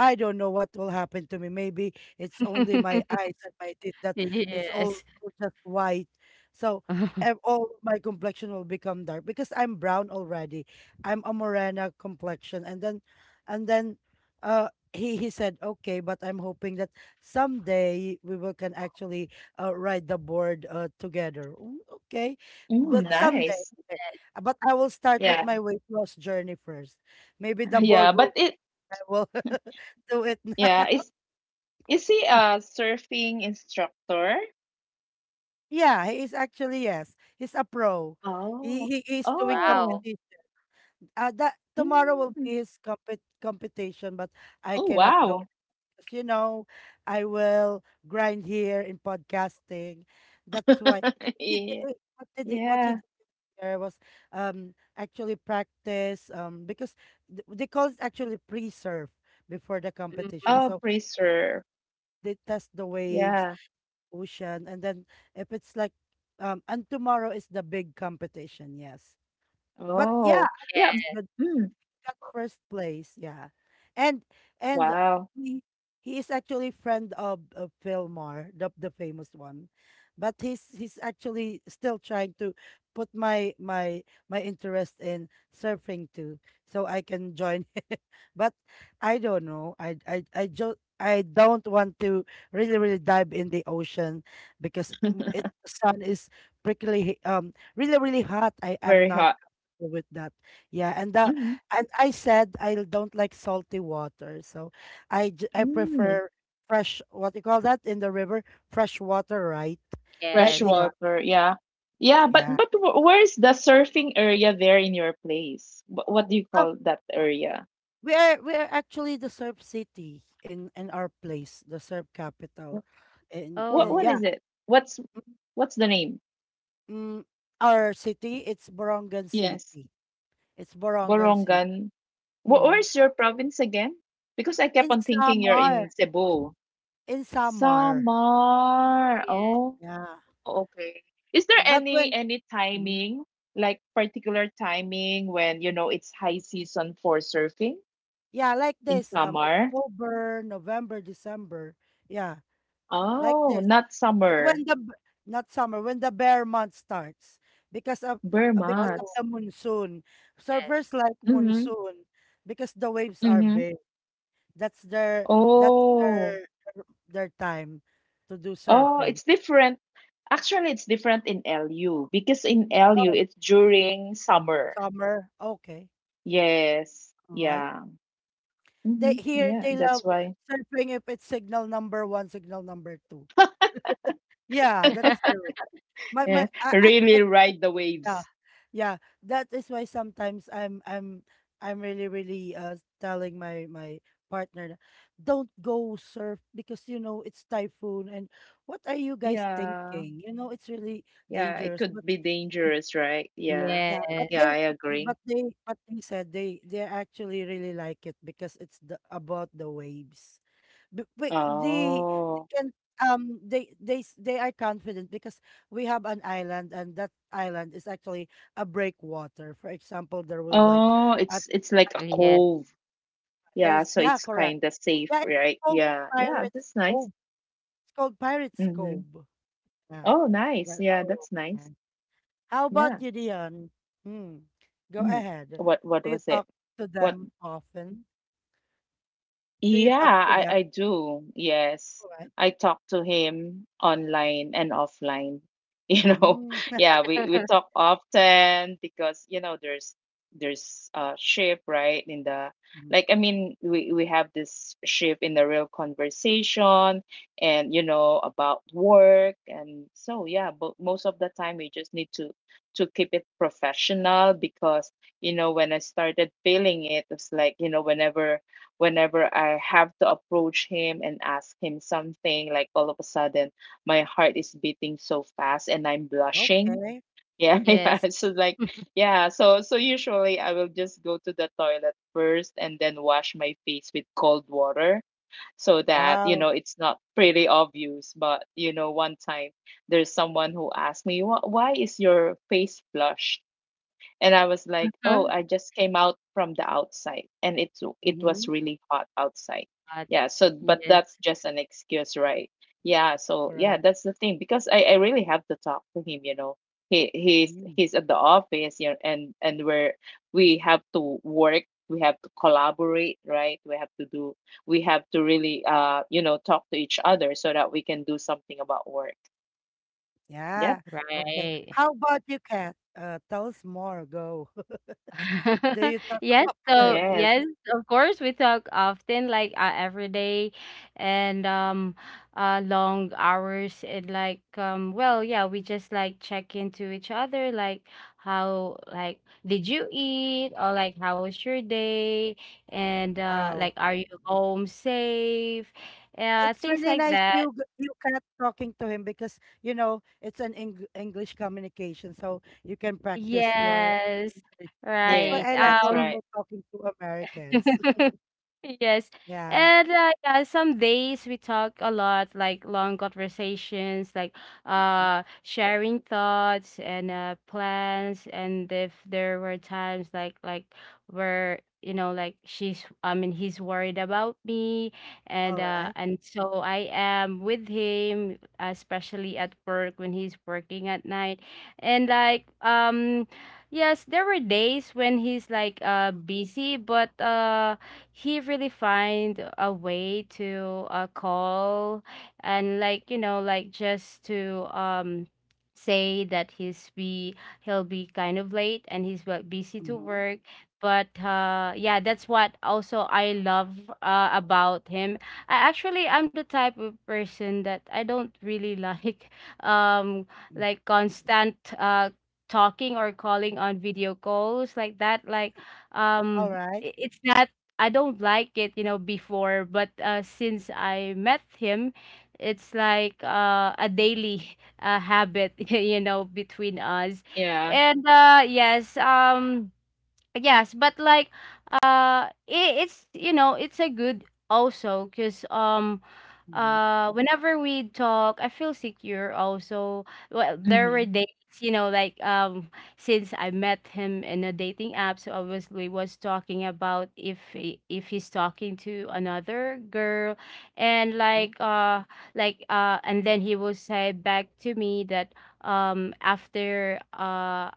I don't know what will happen to me. Maybe it's only my eyes (laughs) and my teeth that it's all Yes. all just white. So ev- (laughs) all my complexion will become dark because I'm brown already. I'm a morena complexion, and then and then uh he he said okay, but I'm hoping that someday we will can actually uh, ride the board uh, together. Mm, okay, Mm, but someday. nice. Okay. Uh, But I will start with Yeah. my weight loss journey first. Maybe the Yeah, board will but it I will (laughs) do it yeah, now. is is he a surfing instructor? Yeah, he is actually yes. He's a pro. Oh. He he is doing Oh. Wow. competition. Uh, that tomorrow will Mm. be his compet competition, but I Oh, cannot go wow. because you know I will grind here in podcasting. That's why (laughs) he, d- Yeah. uh, what did he, what he Yeah. did there was um actually practice um because th- they call it actually pre-surf before the competition. Mhm. Oh, So pre-surf. they test the waves Yeah. ocean and then if it's like um and tomorrow is the big competition yes but yeah Oh. Yeah. Yeah, Mm. that first place, yeah. And and Wow. he he is actually friend of, of Fillmore, the the famous one. But he's he's actually still trying to put my my my interest in surfing too, so I can join (laughs) but I don't know. I I I just I don't want to really really dive in the ocean because mm, it sun is prickly um really really hot. I am Very not hot. go with that. Yeah, and the Mm. and I said I don't like salty water, so I j- I Mm. prefer fresh. What you call that in the river? Fresh water, right? Right, Fresh yes. there, water. Yeah. Yeah, but yeah. but wh- where is the surfing area there in your place? What, what do you Oh, call that area? we are we are actually the surf city in in our place, the surf capital, Wh- and What and what Oh, yeah, is it? What's what's the name? mm, our city it's Borongan Yes. City. It's Borongan City. Borongan. Wh Hmm. where's your province again? Because I kept In on thinking you're Samar, in Cebu. in Samar. Samar. yes. Oh, Yeah, okay. Is there but any when. any Mm-hmm. timing, like particular timing when you know it's high season for surfing Yeah, like in this. Um, Samar? October, November, December. Yeah, like Oh, this. not Uh, summer. When the b- Not summer, when the bear month starts because of uh, because of Oh, Bermas. the monsoon. yes. Surfers like Mm-hmm. monsoon because the waves are Mm-hmm. big. That's their that's Oh. their their time to do Oh, surfing. it's different. Actually, it's different in L U because in L U Oh, it's during summer. summer. Okay, Yes. all right. Yeah. They Hmm. here Yeah. they love That's why. surfing if it's signal number one, signal number two. Yeah, that's (laughs) true. My Yeah. my I, I Really that's ride the Yeah, waves. yeah. That is why sometimes I'm I'm I'm really really uh telling my my partner, na, don't go surf because you know it's typhoon and what are you guys Yeah. thinking? You know it's really Yeah. It dangerous. could But be dangerous, right? Yeah. Yes. yeah, but Yes. they Yeah, I agree. but they but they said they they actually really like it because it's the about the waves b- b- they they Oh. can um they they s- they are confident because we have an island and that island is actually a breakwater. For example, there will be like Oh, a it's it's like a typhoon. cove. Yeah, There's so yeah, it's correct. kind of safe, Yeah, it's right? called Yeah. Yeah, Pirates that's nice. Cove. It's called Pirates Mm-hmm. Cove. Yeah. Oh, nice. That, Yeah, Oh, that's yes. yeah. nice. How about Yeah. you, Dion? Hmm. Go Hmm. ahead. What what Do you was talk it? to What? them often? Do you Yeah, talk to I, them? I do. Yes. All right. I talk to him online and offline. (laughs) You know, Mm. (laughs) yeah, we, we (laughs) talk often because, you know, there's there's a shift, right? In the like I mean, we, we have this shift in the real conversation and you know about work. And so yeah, but most of the time we just need to to keep it professional because you know when I started feeling it, it's like, you know, whenever whenever I have to approach him and ask him something, like all of a sudden my heart is beating so fast and I'm blushing. Okay. Yeah, (laughs) Yes. yeah. So like, (laughs) yeah. So so usually I will just go to the toilet first and then wash my face with cold water so that you know Wow. it's not pretty obvious. But you know, one time there's someone who asked me, "Wh- Why is your face flushed?" And I was like, "Oh, I just came out from the outside, and it's it was Mm-hmm. really hot outside." God. Yeah, so but Yes, that's just an excuse, right? Yeah, so yeah, Correct. that's the thing because I I really have to talk to him, you know. He he's Mm, he's at the office, you know, and and we're we have to work, we have to collaborate, right? We have to do we have to really uh you know talk to each other so that we can do something about work. Yep. yeah. Okay. right. How about you, Kat? Uh, tell us more. Go. (laughs) Do (laughs) you talk (laughs) Yes, so often? Yes. yes, of course we talk often, like, uh, every day, and um uh long hours, and like, um well, yeah, we just like check into each other, like how, like, did you eat, or like, how was your day, and uh Wow. like, are you home safe? Yeah, It's things really like nice you that. g- you Kat talking to him because you know it's an Eng- English communication, so you can practice your Yes. English. That's why Yes, Right. I like that's Um right. also talking to Americans. (laughs) (laughs) Yes. Yeah. And uh, yeah, some days we talk a lot, like long conversations, like, uh sharing thoughts and uh plans. And if there were times like like where, you know, like she's I mean he's worried about me, All and uh right. and so I am with him, especially at work when he's working at night. And like um yes, there were days when he's like uh busy, but uh he really find a way to uh, call, and like, you know, like just to um say that he's be he'll be kind of late and he's bu- busy to Mm-hmm. work. But uh yeah, that's what also I love uh about him. I actually i'm the type of person that I don't really like (laughs) um Mm-hmm. like constant uh talking or calling on video calls like that, like All um right. i- it's not, I don't like it, you know, before, but uh, since I met him, it's like uh, a daily (laughs) uh, habit, (laughs) you know, between us. Yeah. And uh, yes, um, yes, but like, uh, it, it's, you know, it's a good also because, um, Mm-hmm. uh whenever we talk, I feel secure also. Well, there Mhm. were days, you know, like um since I met him in a dating app, so obviously was talking about if he, if he's talking to another girl, and like uh like uh and then he will say back to me that, um after uh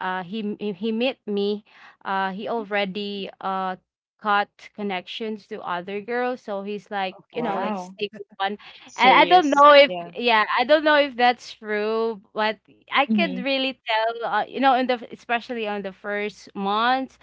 uh, he he he met me, uh, he already uh got connections to other girls, so he's like, you know, Okay. like Wow. sticking one. And I don't Serious. know if, Yeah. yeah, I don't know if that's true, but I could Mm-hmm. really tell, uh, you know, in the especially on the first month,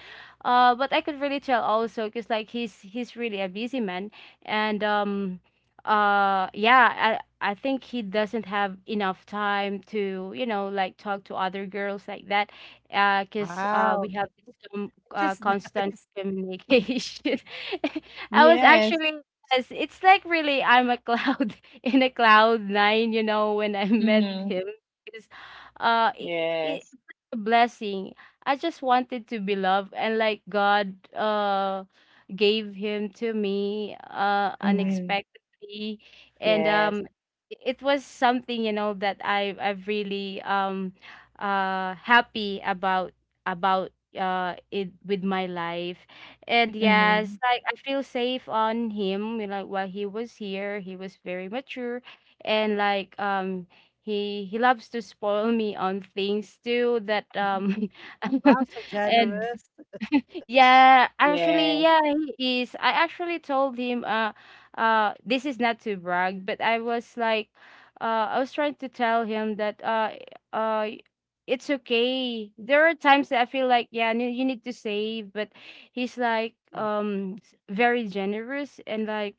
uh, but I could really tell also because like he's he's really a busy man, and um uh yeah, I I think he doesn't have enough time to, you know, like talk to other girls like that, because uh, Wow, we which have this com- uh, is (laughs) constant nice. communication. (laughs) I was Yes. actually, yes, it's like really, I'm a cloud (laughs) in a cloud nine, you know, when I met Mm-hmm. him. Because uh, it, it's like Yes. a blessing. I just wanted to be loved, and like God, uh, gave him to me uh, Yeah. Mm-hmm. unexpectedly. And Yes. um, it was something, you know, that I, I've really. Um, uh happy about about uh it with my life. And yes, Mm-hmm. like I feel safe on him, you know, like while he was here, he was very mature, and like um he he loves to spoil me on things too that Mhm. (laughs) um (laughs) Wow, so and generous. yeah, actually, Yes. yeah, he is. I actually told him, uh, uh, this is not to brag, but I was like, uh, I was trying to tell him that, uh, uh, it's okay. There are times that I feel like, yeah, n- you need to save, but he's like, Mm, um, s- very generous and like,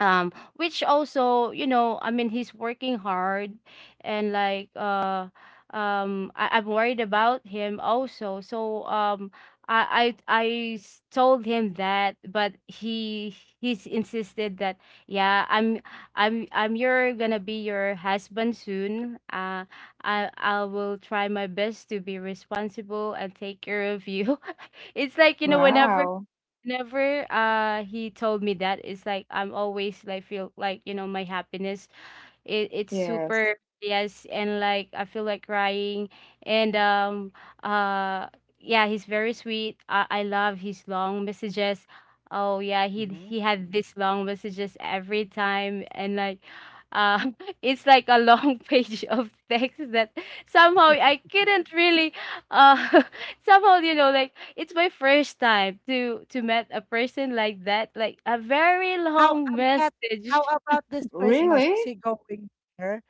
um which also, you know, i mean he's working hard, and like uh um I, I'm worried about him also, so um I, I I s- told him that, but he he's insisted that, yeah, I'm I'm I'm, you're gonna be your husband soon. Uh, I I will try my best to be responsible and take care of you. (laughs) It's like, you know, wow, whenever Wow. whenever uh he told me that, it's like I'm always like feel like, you know, my happiness, it it's Yes. super yes, and like I feel like crying, and um uh yeah, he's very sweet. I I love his long messages. Oh yeah, he mhm. he had these long messages every time, and like uh (laughs) it's like a long (laughs) page of text that somehow I couldn't really uh (laughs) somehow, you know, like it's my first time to to met a person like that, like a very How long um, Kat, how message. about this Christmas? Really? Is he going here?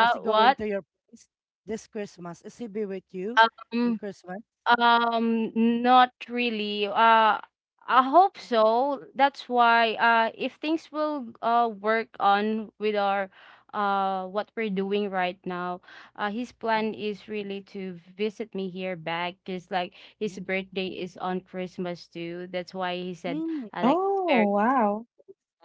Is he going what to your place this Christmas? Is he be with you in um. Christmas? Um, Not really. Uh, I hope so. That's why uh if things will uh work on with our uh what we're doing right now, uh his Okay. plan is really to visit me here back, because like Hmm. his birthday is on Christmas too. That's why he said, Mm, I like, it's very Oh, wow.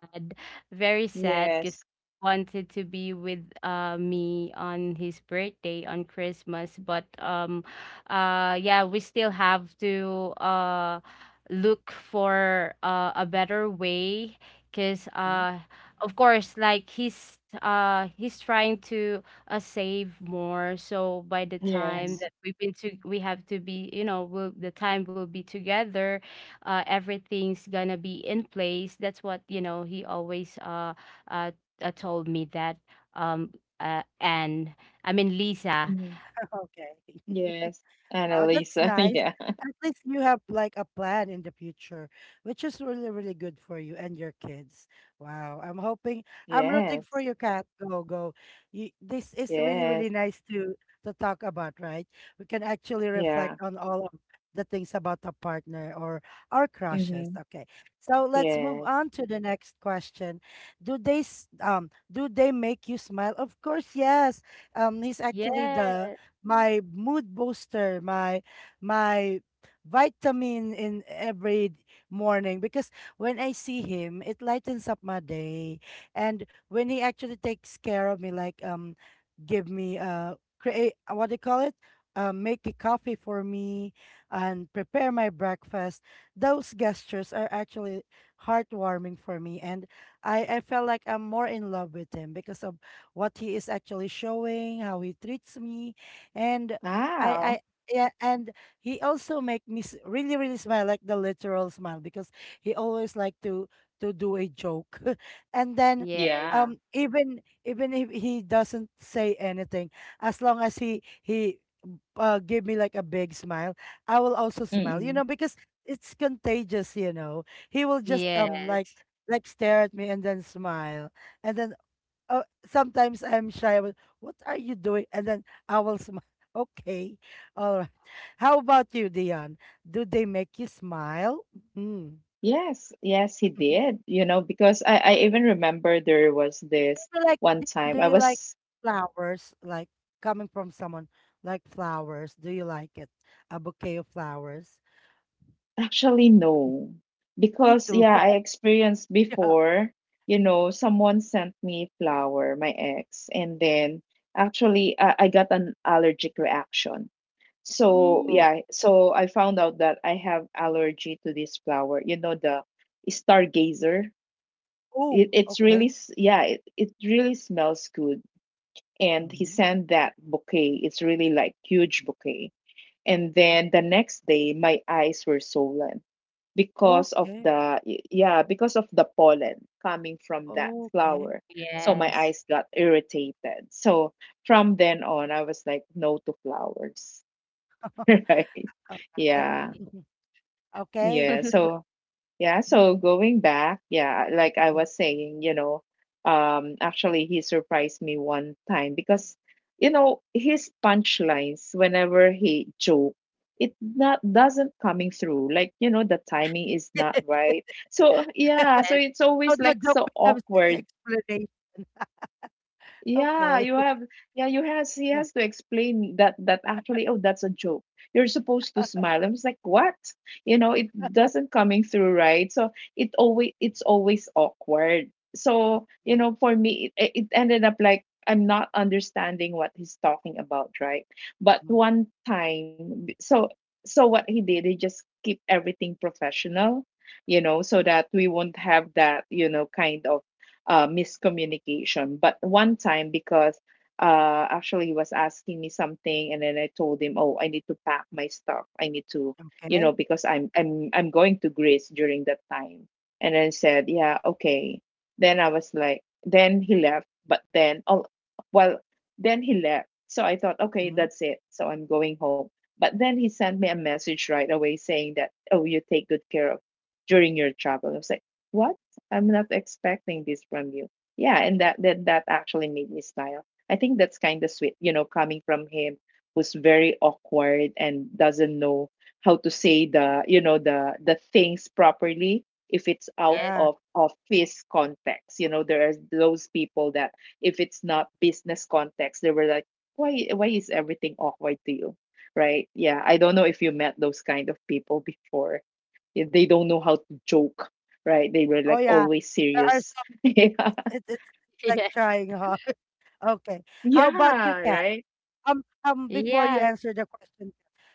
sad, very sad because Yes. wanted to be with uh me on his birthday on Christmas, but um uh yeah, we still have to uh look for uh, a better way because uh of course like he's uh he's trying to uh, save more, so by the time mm. Yes. that we've been to we have to be, you know, will the time will be together, uh, everything's gonna be in place. That's what, you know, he always, uh, uh, uh told me that. Um, uh, and I mean, Lisa. Mm-hmm. (laughs) Okay. Yes. Wow, that's Annalisa. (laughs) nice. Yeah. At least you have like a plan in the future, which is really, really good for you and your kids. Wow. I'm hoping I'm rooting for Yes. you, Kat. Go, go. You, this is really, really Yes. nice to to talk about, right? We can actually Yeah. reflect on all of the things about a partner or our crushes. Mm-hmm. Okay. So let's move Yes. on to the next question. Do they s- um do they make you smile? Of course, yes. Um he's actually Yes, the my mood booster, my my vitamin in every morning because when I see him, it lightens up my day. And when he actually takes care of me, like um, give me uh create uh, what do you call it? Uh, make a coffee for me and prepare my breakfast. Those gestures are actually heartwarming for me, and I I felt like I'm more in love with him because of what he is actually showing, how he treats me, and I I Wow. yeah, and he also make me s- really really smile like the literal smile because he always like to to do a joke, (laughs) and then yes, Yeah. um even even if he doesn't say anything, as long as he he uh give me like a big smile, I will also smile. You Mm-mm. know because it's contagious. You know he will just um like yes. like stare at me and then smile and then oh, sometimes I'm shy. I will, what are you doing? And then I will smile. (laughs) Okay, all right. How about you, Dion? Do they make you smile? Mm. Yes, yes, he (laughs) Do did. You know, because I, I even remember there was this you like one d- do time I you like was flowers? Like coming from someone like flowers? Do you like it? A bouquet of flowers? actually no, Me because too. yeah, I (laughs) experienced before, you know, someone sent me flower, my ex, and then actually I, I got an allergic reaction. So Mm. Oh, yeah, so I found out that I have allergy to this flower, you know, the stargazer. Oh, It, it's really, okay. s- yeah, it, it really smells good and he Mhm. sent that bouquet. It's really like huge bouquet. And Mm. then the next day, my eyes were swollen because of Okay. the yeah because of the pollen coming from that Okay. flower. So my yes. eyes got irritated. So from then on, I was like no to flowers. (laughs) Right? All right. Yeah, (laughs) Okay. yeah. (laughs) So yeah, Mhm. so going back, yeah, like I was saying, you know, um, actually he surprised me one time because, you know, his punchlines whenever he joke, it not doesn't coming through. Like, you know, the timing is not (laughs) right. So yeah, so Yes, it's So always the like joke so becomes an awkward. explanation. Yeah, Okay. you have, yeah, you has he has to (laughs) explain that that actually, oh, that's a joke. You're supposed to smile. I was like, what? You know, it doesn't coming through right. So it always it's always awkward. So, you Mm, know, for me it, it ended up like I'm not understanding what he's talking about, right? But mm, one time b- so so what he did, he just keep everything professional, you know, so that we won't have that, you know, kind of uh, miscommunication. But one time, because uh, actually he was asking me something, and then I told him, "Oh, I need to pack my stuff. I need to, you know, okay. because I'm I'm I'm going to Greece during that time." And then said, "Yeah, okay." Then I was like, then he left. But then, oh, well, then he left. So I thought, okay, Mhm. that's it. So I'm going home. But then he sent me a message right away saying that, oh, you take good care of during your travel. I was like, what? I'm not expecting this from you. Yeah, and that that that actually made me smile. I think that's kind of sweet, you know, coming from him who's very awkward and doesn't know how to say the, you know, the the things properly if it's out yes, Yeah. of office context. You know, there are those people that if it's not business context, they were like, why why is everything awkward to you? Right? Yeah, I don't know if you met those kind of people before, yeah, they don't know how to joke, right? They were Oh, like yeah. always There are serious. some, (laughs) Yeah. it, it's (laughs) like yes. trying hard. (laughs) Okay. How about you, Yeah, Kat? right? Um, um, before you Yeah. answer the question,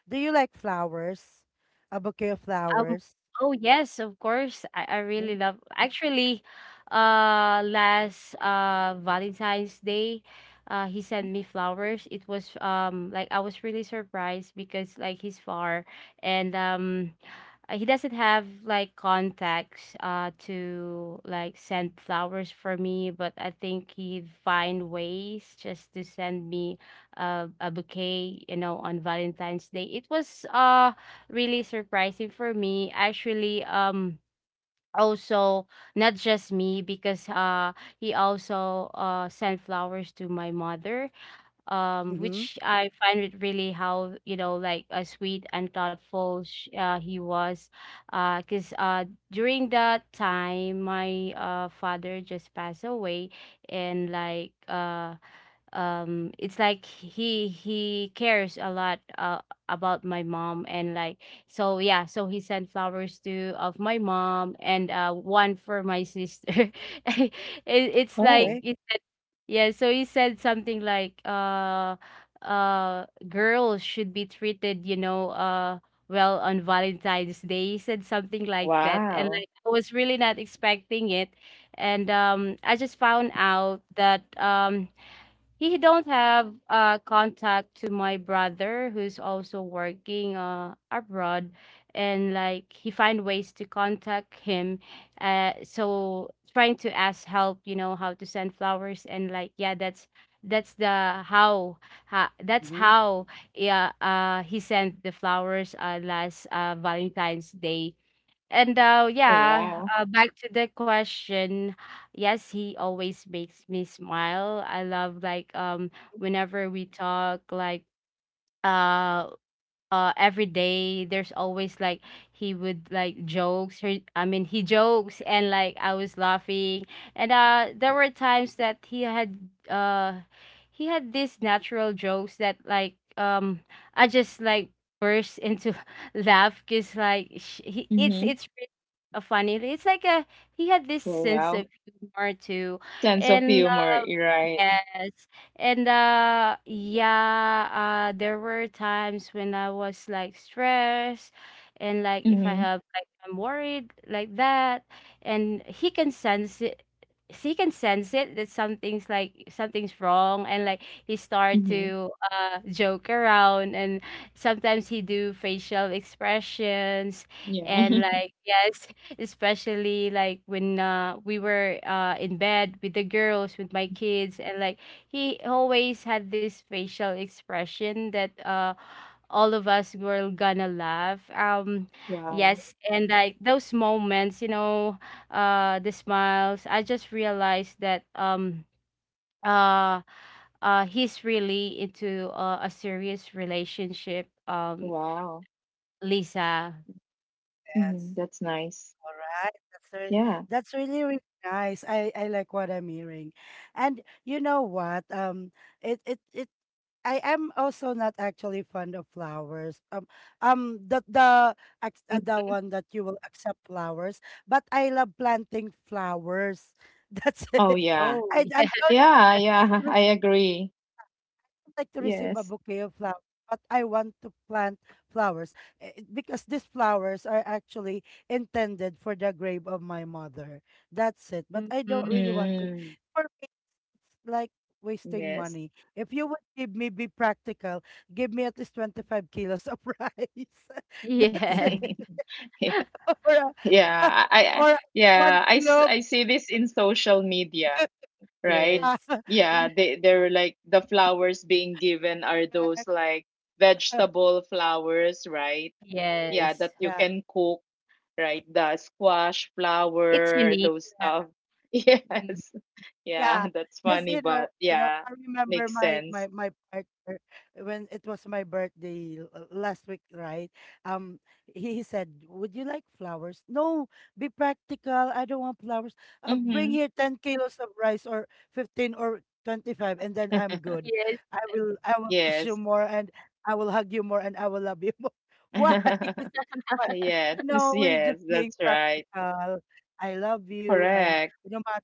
do you like flowers? A bouquet of Um, flowers? oh yes, of course. I, I really Mm, love actually, uh last uh Valentine's Day, uh he sent mhm. me flowers. It was, um like I was really surprised because like he's far, and um uh, he doesn't have like contacts uh to like send flowers for me, but I think he'd find ways just to send me uh, a bouquet, you know, on Valentine's Day. It was uh really surprising for me, actually. um also not just me, because uh he also uh sent flowers to my mother, um Mm-hmm. which I find it really how, you know, like uh, sweet and thoughtful sh- uh, he was, uh because uh during that time, my uh father just passed away, and like uh um it's like he he cares a lot, uh, about my mom, and like, so yeah, so he sent flowers to of my mom, and uh one for my sister. (laughs) It, it's like Oh, Okay. it said, yeah, so he said something like, uh uh girls should be treated, you know, uh well, on Valentine's Day. He said something like that, wow. and like I was really not expecting it. And um I just found out that um he don't have uh contact to my brother who's also working uh abroad, and like he find ways to contact him, uh so trying to ask help, you know, how to send flowers. And like, yeah, that's that's the how, ha that's Mm-hmm. how, yeah, uh he sent the flowers, uh last uh Valentine's Day. And uh, Oh, yeah, wow. uh, back to the question. Yes, he always makes me smile. I love like um whenever we talk, like uh uh every day there's always like he would like jokes, or I mean he jokes, and like I was laughing, and uh there were times that he had uh he had these natural jokes that like um I just like burst into (laughs) laugh, because like sh- he, it's Mm-hmm. it's really a funny, it's like a, he had this Oh, sense wow. of humor too, Sense of and humor, uh, you're right. yes. And uh yeah, uh there were times when I was like stressed, and like if I Mm-hmm. have like I'm worried like that, and he can sense it, he can sense it that something's like something's wrong, and like he start Mm-hmm. to uh joke around, and sometimes he do facial expressions, Yeah. and (laughs) like yes, (laughs) especially like when, uh, we were, uh, in bed with the girls with my kids, and like he always had this facial expression that, uh, all of us were gonna laugh. Um wow. Okay. Yes, and like those moments, you know, uh the smiles, I just realized that, um uh uh he's really into, uh, a serious relationship, um Wow. Lisa. Mm-hmm. Yes. That's nice. All right. That's re- Yeah. that's really really nice. I I like what I'm hearing. And you know what? Um it it it I am also not actually fond of flowers. Um, um, the the Mm. ac- uh, the one that you will accept flowers, but I love planting flowers. (laughs) That's Oh, it. yeah. Oh I yeah. I don't Yeah, yeah. (laughs) I agree. like to receive a Yes. bouquet of flowers, but I want to plant flowers eh, eh, because these flowers are actually intended for the grave of my mother. That's it. But I don't Mm-hmm. really want to. Mm. For me, it's like wasting Yes. (laughs) money. If you would give me, be practical, give me at least twenty-five kilos of (laughs) rice. (laughs) That's Yes, it. Or, a- Yeah, I, (laughs) I or a one yeah, I, s- kilo. Of, I see this in social media. yes, Right? uh, Yeah, they they were like the flowers being given are those (laughs) like yeah. vegetable flowers, right? Yeah, yes. that you Yeah. can cook, right? The squash It's flower, unique. those stuff. (laughs) Mhm. Yes. Yeah, Yeah, that's because funny, you know, but you know, yeah, I remember makes my sense. my my partner when it was my birthday l- l- last week, right? Um, he, he said, "Would you like flowers?" No, be practical. I don't want flowers. Uh, bring Mm-hmm. here ten kilos of rice or fifteen or twenty-five, and then I'm good. Yes, I will I will kiss you Yes. more, and I will hug you more, and I will love you more. (laughs) Why? (laughs) Is (laughs) it- Why? Yes, You (laughs) know, we're just yes, being that's right. practical. I love you, and Correct. no matter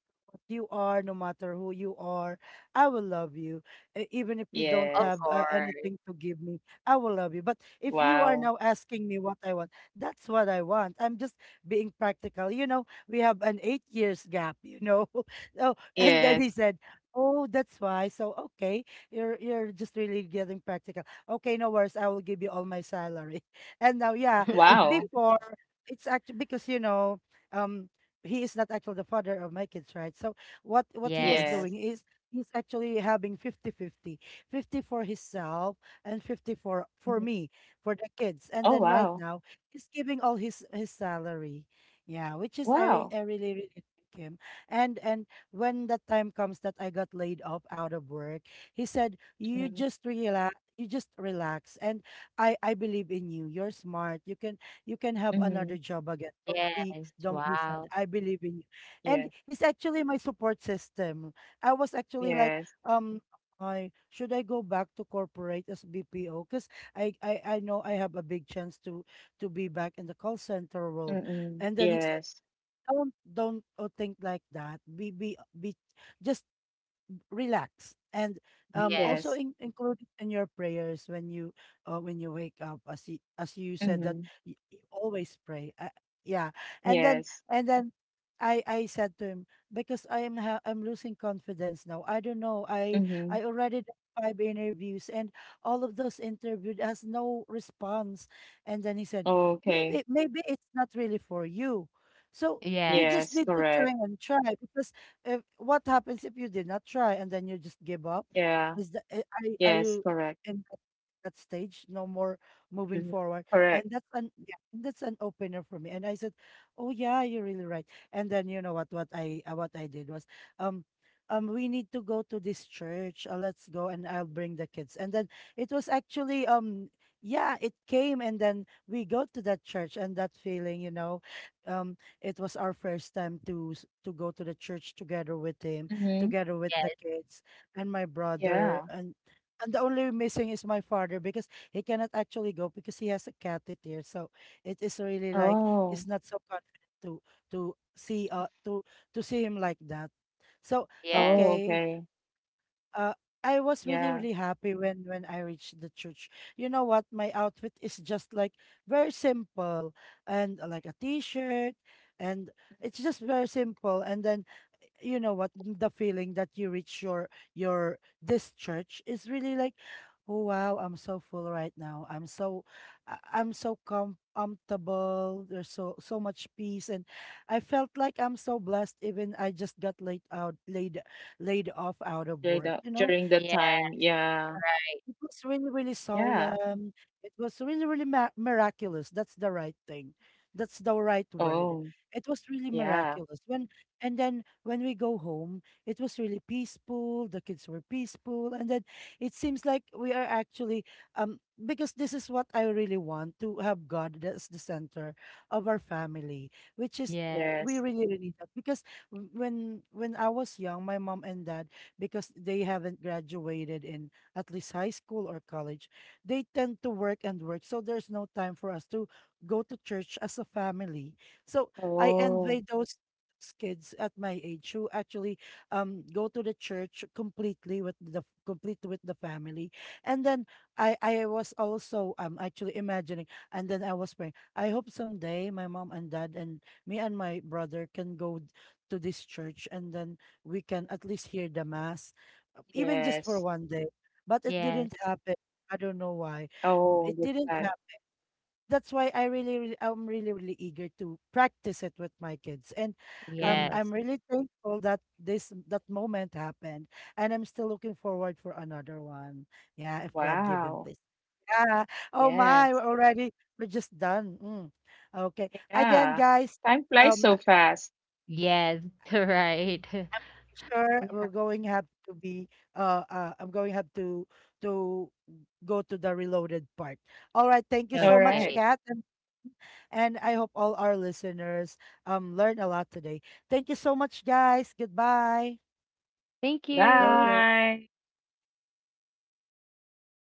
you are, no matter who you are, I will love you. E- Even if you don't of have Yes. uh, course. anything to give me, I will love you. But if you are Wow. now asking me what I want, that's what I want. I'm just being practical. You know, we have an eight years gap, you know. (laughs) Oh, and then Yes. he said, oh, that's why. So okay, you're you're just really getting practical. Okay, no worries. I will give you all my salary. (laughs) And now, yeah, Wow. before it's actually because you know, um, he is not actually the father of my kids, right? So what what he was Yes, Yes. doing is he's actually having fifty fifty, fifty for himself and fifty for for Mhm. me, for the kids. And Oh, then right wow. now he's giving all his his salary. Yeah, which is I Wow. I really really like him. And and when the time comes that I got laid off out of work, he said, "You Mhm, just relax, you just relax, and I I believe in you. You're smart. You can you can have another mhm, job again. Don't be yes. don't be sad. Wow. I believe in you. yeah, And he's actually my support system. I was actually like, yes, um, I should I go back to corporate as B P O? Because I, I I know I have a big chance to to be back in the call center world. mm-mm, And then he said, yes, don't don't uh, think like that. Be be be just relax and um, also Yes, yes, in, include it in your prayers when you uh, when you wake up as you, as you said that mm-hmm, you, always pray uh, yeah and then yes, and then I I said to him because I am ha- I'm losing confidence now. I don't know. I mm-hmm, I already did five interviews and all of those interviewed has no response. And then he said, okay, maybe maybe it's not really for you, so you yes, just yes, need to try correct, and try. Because if, what happens if you did not try and then you just give up? yeah, Is that eh, are, are yes, you correct, in that that stage? No more moving mm-hmm, forward, and correct, that's an yeah, and that's an opener for me. And I said, "Oh yeah, you're really right." And then you know what? What I uh, what I did was, um, um, we need to go to this church. Uh, let's go, and I'll bring the kids. And then it was actually um. Yeah, it came, and then we go to that church, and that feeling, you know, um, it was our first time to s- to go to the church together with him, mm-hmm, together with the yes, kids and my brother yeah, and and the only missing is my father, because he cannot actually go because he has a catheter. So it is really like oh, he's not so confident to to see uh to to see him like that. So yes, oh, okay, okay, uh, I was really, yeah, really happy when when I reached the church. You know what? My outfit is just like very simple and uh, like a t-shirt, and it's just very simple. And then you know what? The feeling that you reach your your this church is really like, oh wow, I'm so full right now. I'm so I- I'm so com comfortable. There's so so much peace, and I felt like I'm so blessed even I just got laid out laid laid off out of during work. the, You know, during the yes, time, yeah, it was really, really yeah, solemn. It was really, really mi- miraculous. That's the right thing. That's the right word. oh, It was really yeah, miraculous. When and then when we go home, it was really peaceful. The kids were peaceful, and then it seems like we are actually um because this is what I really want, to have God as the center of our family, which is. yes, We yes, really, really need that, because w- when when I was young, my mom and dad, because they haven't graduated in at least high school or college, they tend to work and work. So there's no time for us to go to church as a family. So I envy oh, those s- kids at my age who actually um go to the church completely with the complete with the family, and then i i was also um actually imagining, and then I was praying, I hope someday my mom and dad and me and my brother can go d- to this church, and then we can at least hear the mass, uh, even just for yes, one day, but it yes, didn't happen. I don't know why. It oh, that's didn't sad, happen. That's why I really, really, I'm really, really eager to practice it with my kids. And yes, um, mm, yes. I'm really thankful that this that moment happened, and I'm still looking forward for another one. Yeah, if God give him, wow, please. Yeah. Oh my, we're yes. already we're just done. Mm. Okay. Again, Yeah. guys, Time flies um, so fast. (laughs) Right. (laughs) sure we're Yeah. going have to be uh, uh I'm going have to to go to the reloaded part. All right, thank you All so much, Okay. right. Kat, and, and I hope all our listeners um learn a lot today. Thank you so much, guys. Goodbye. Thank Go you. go. Bye.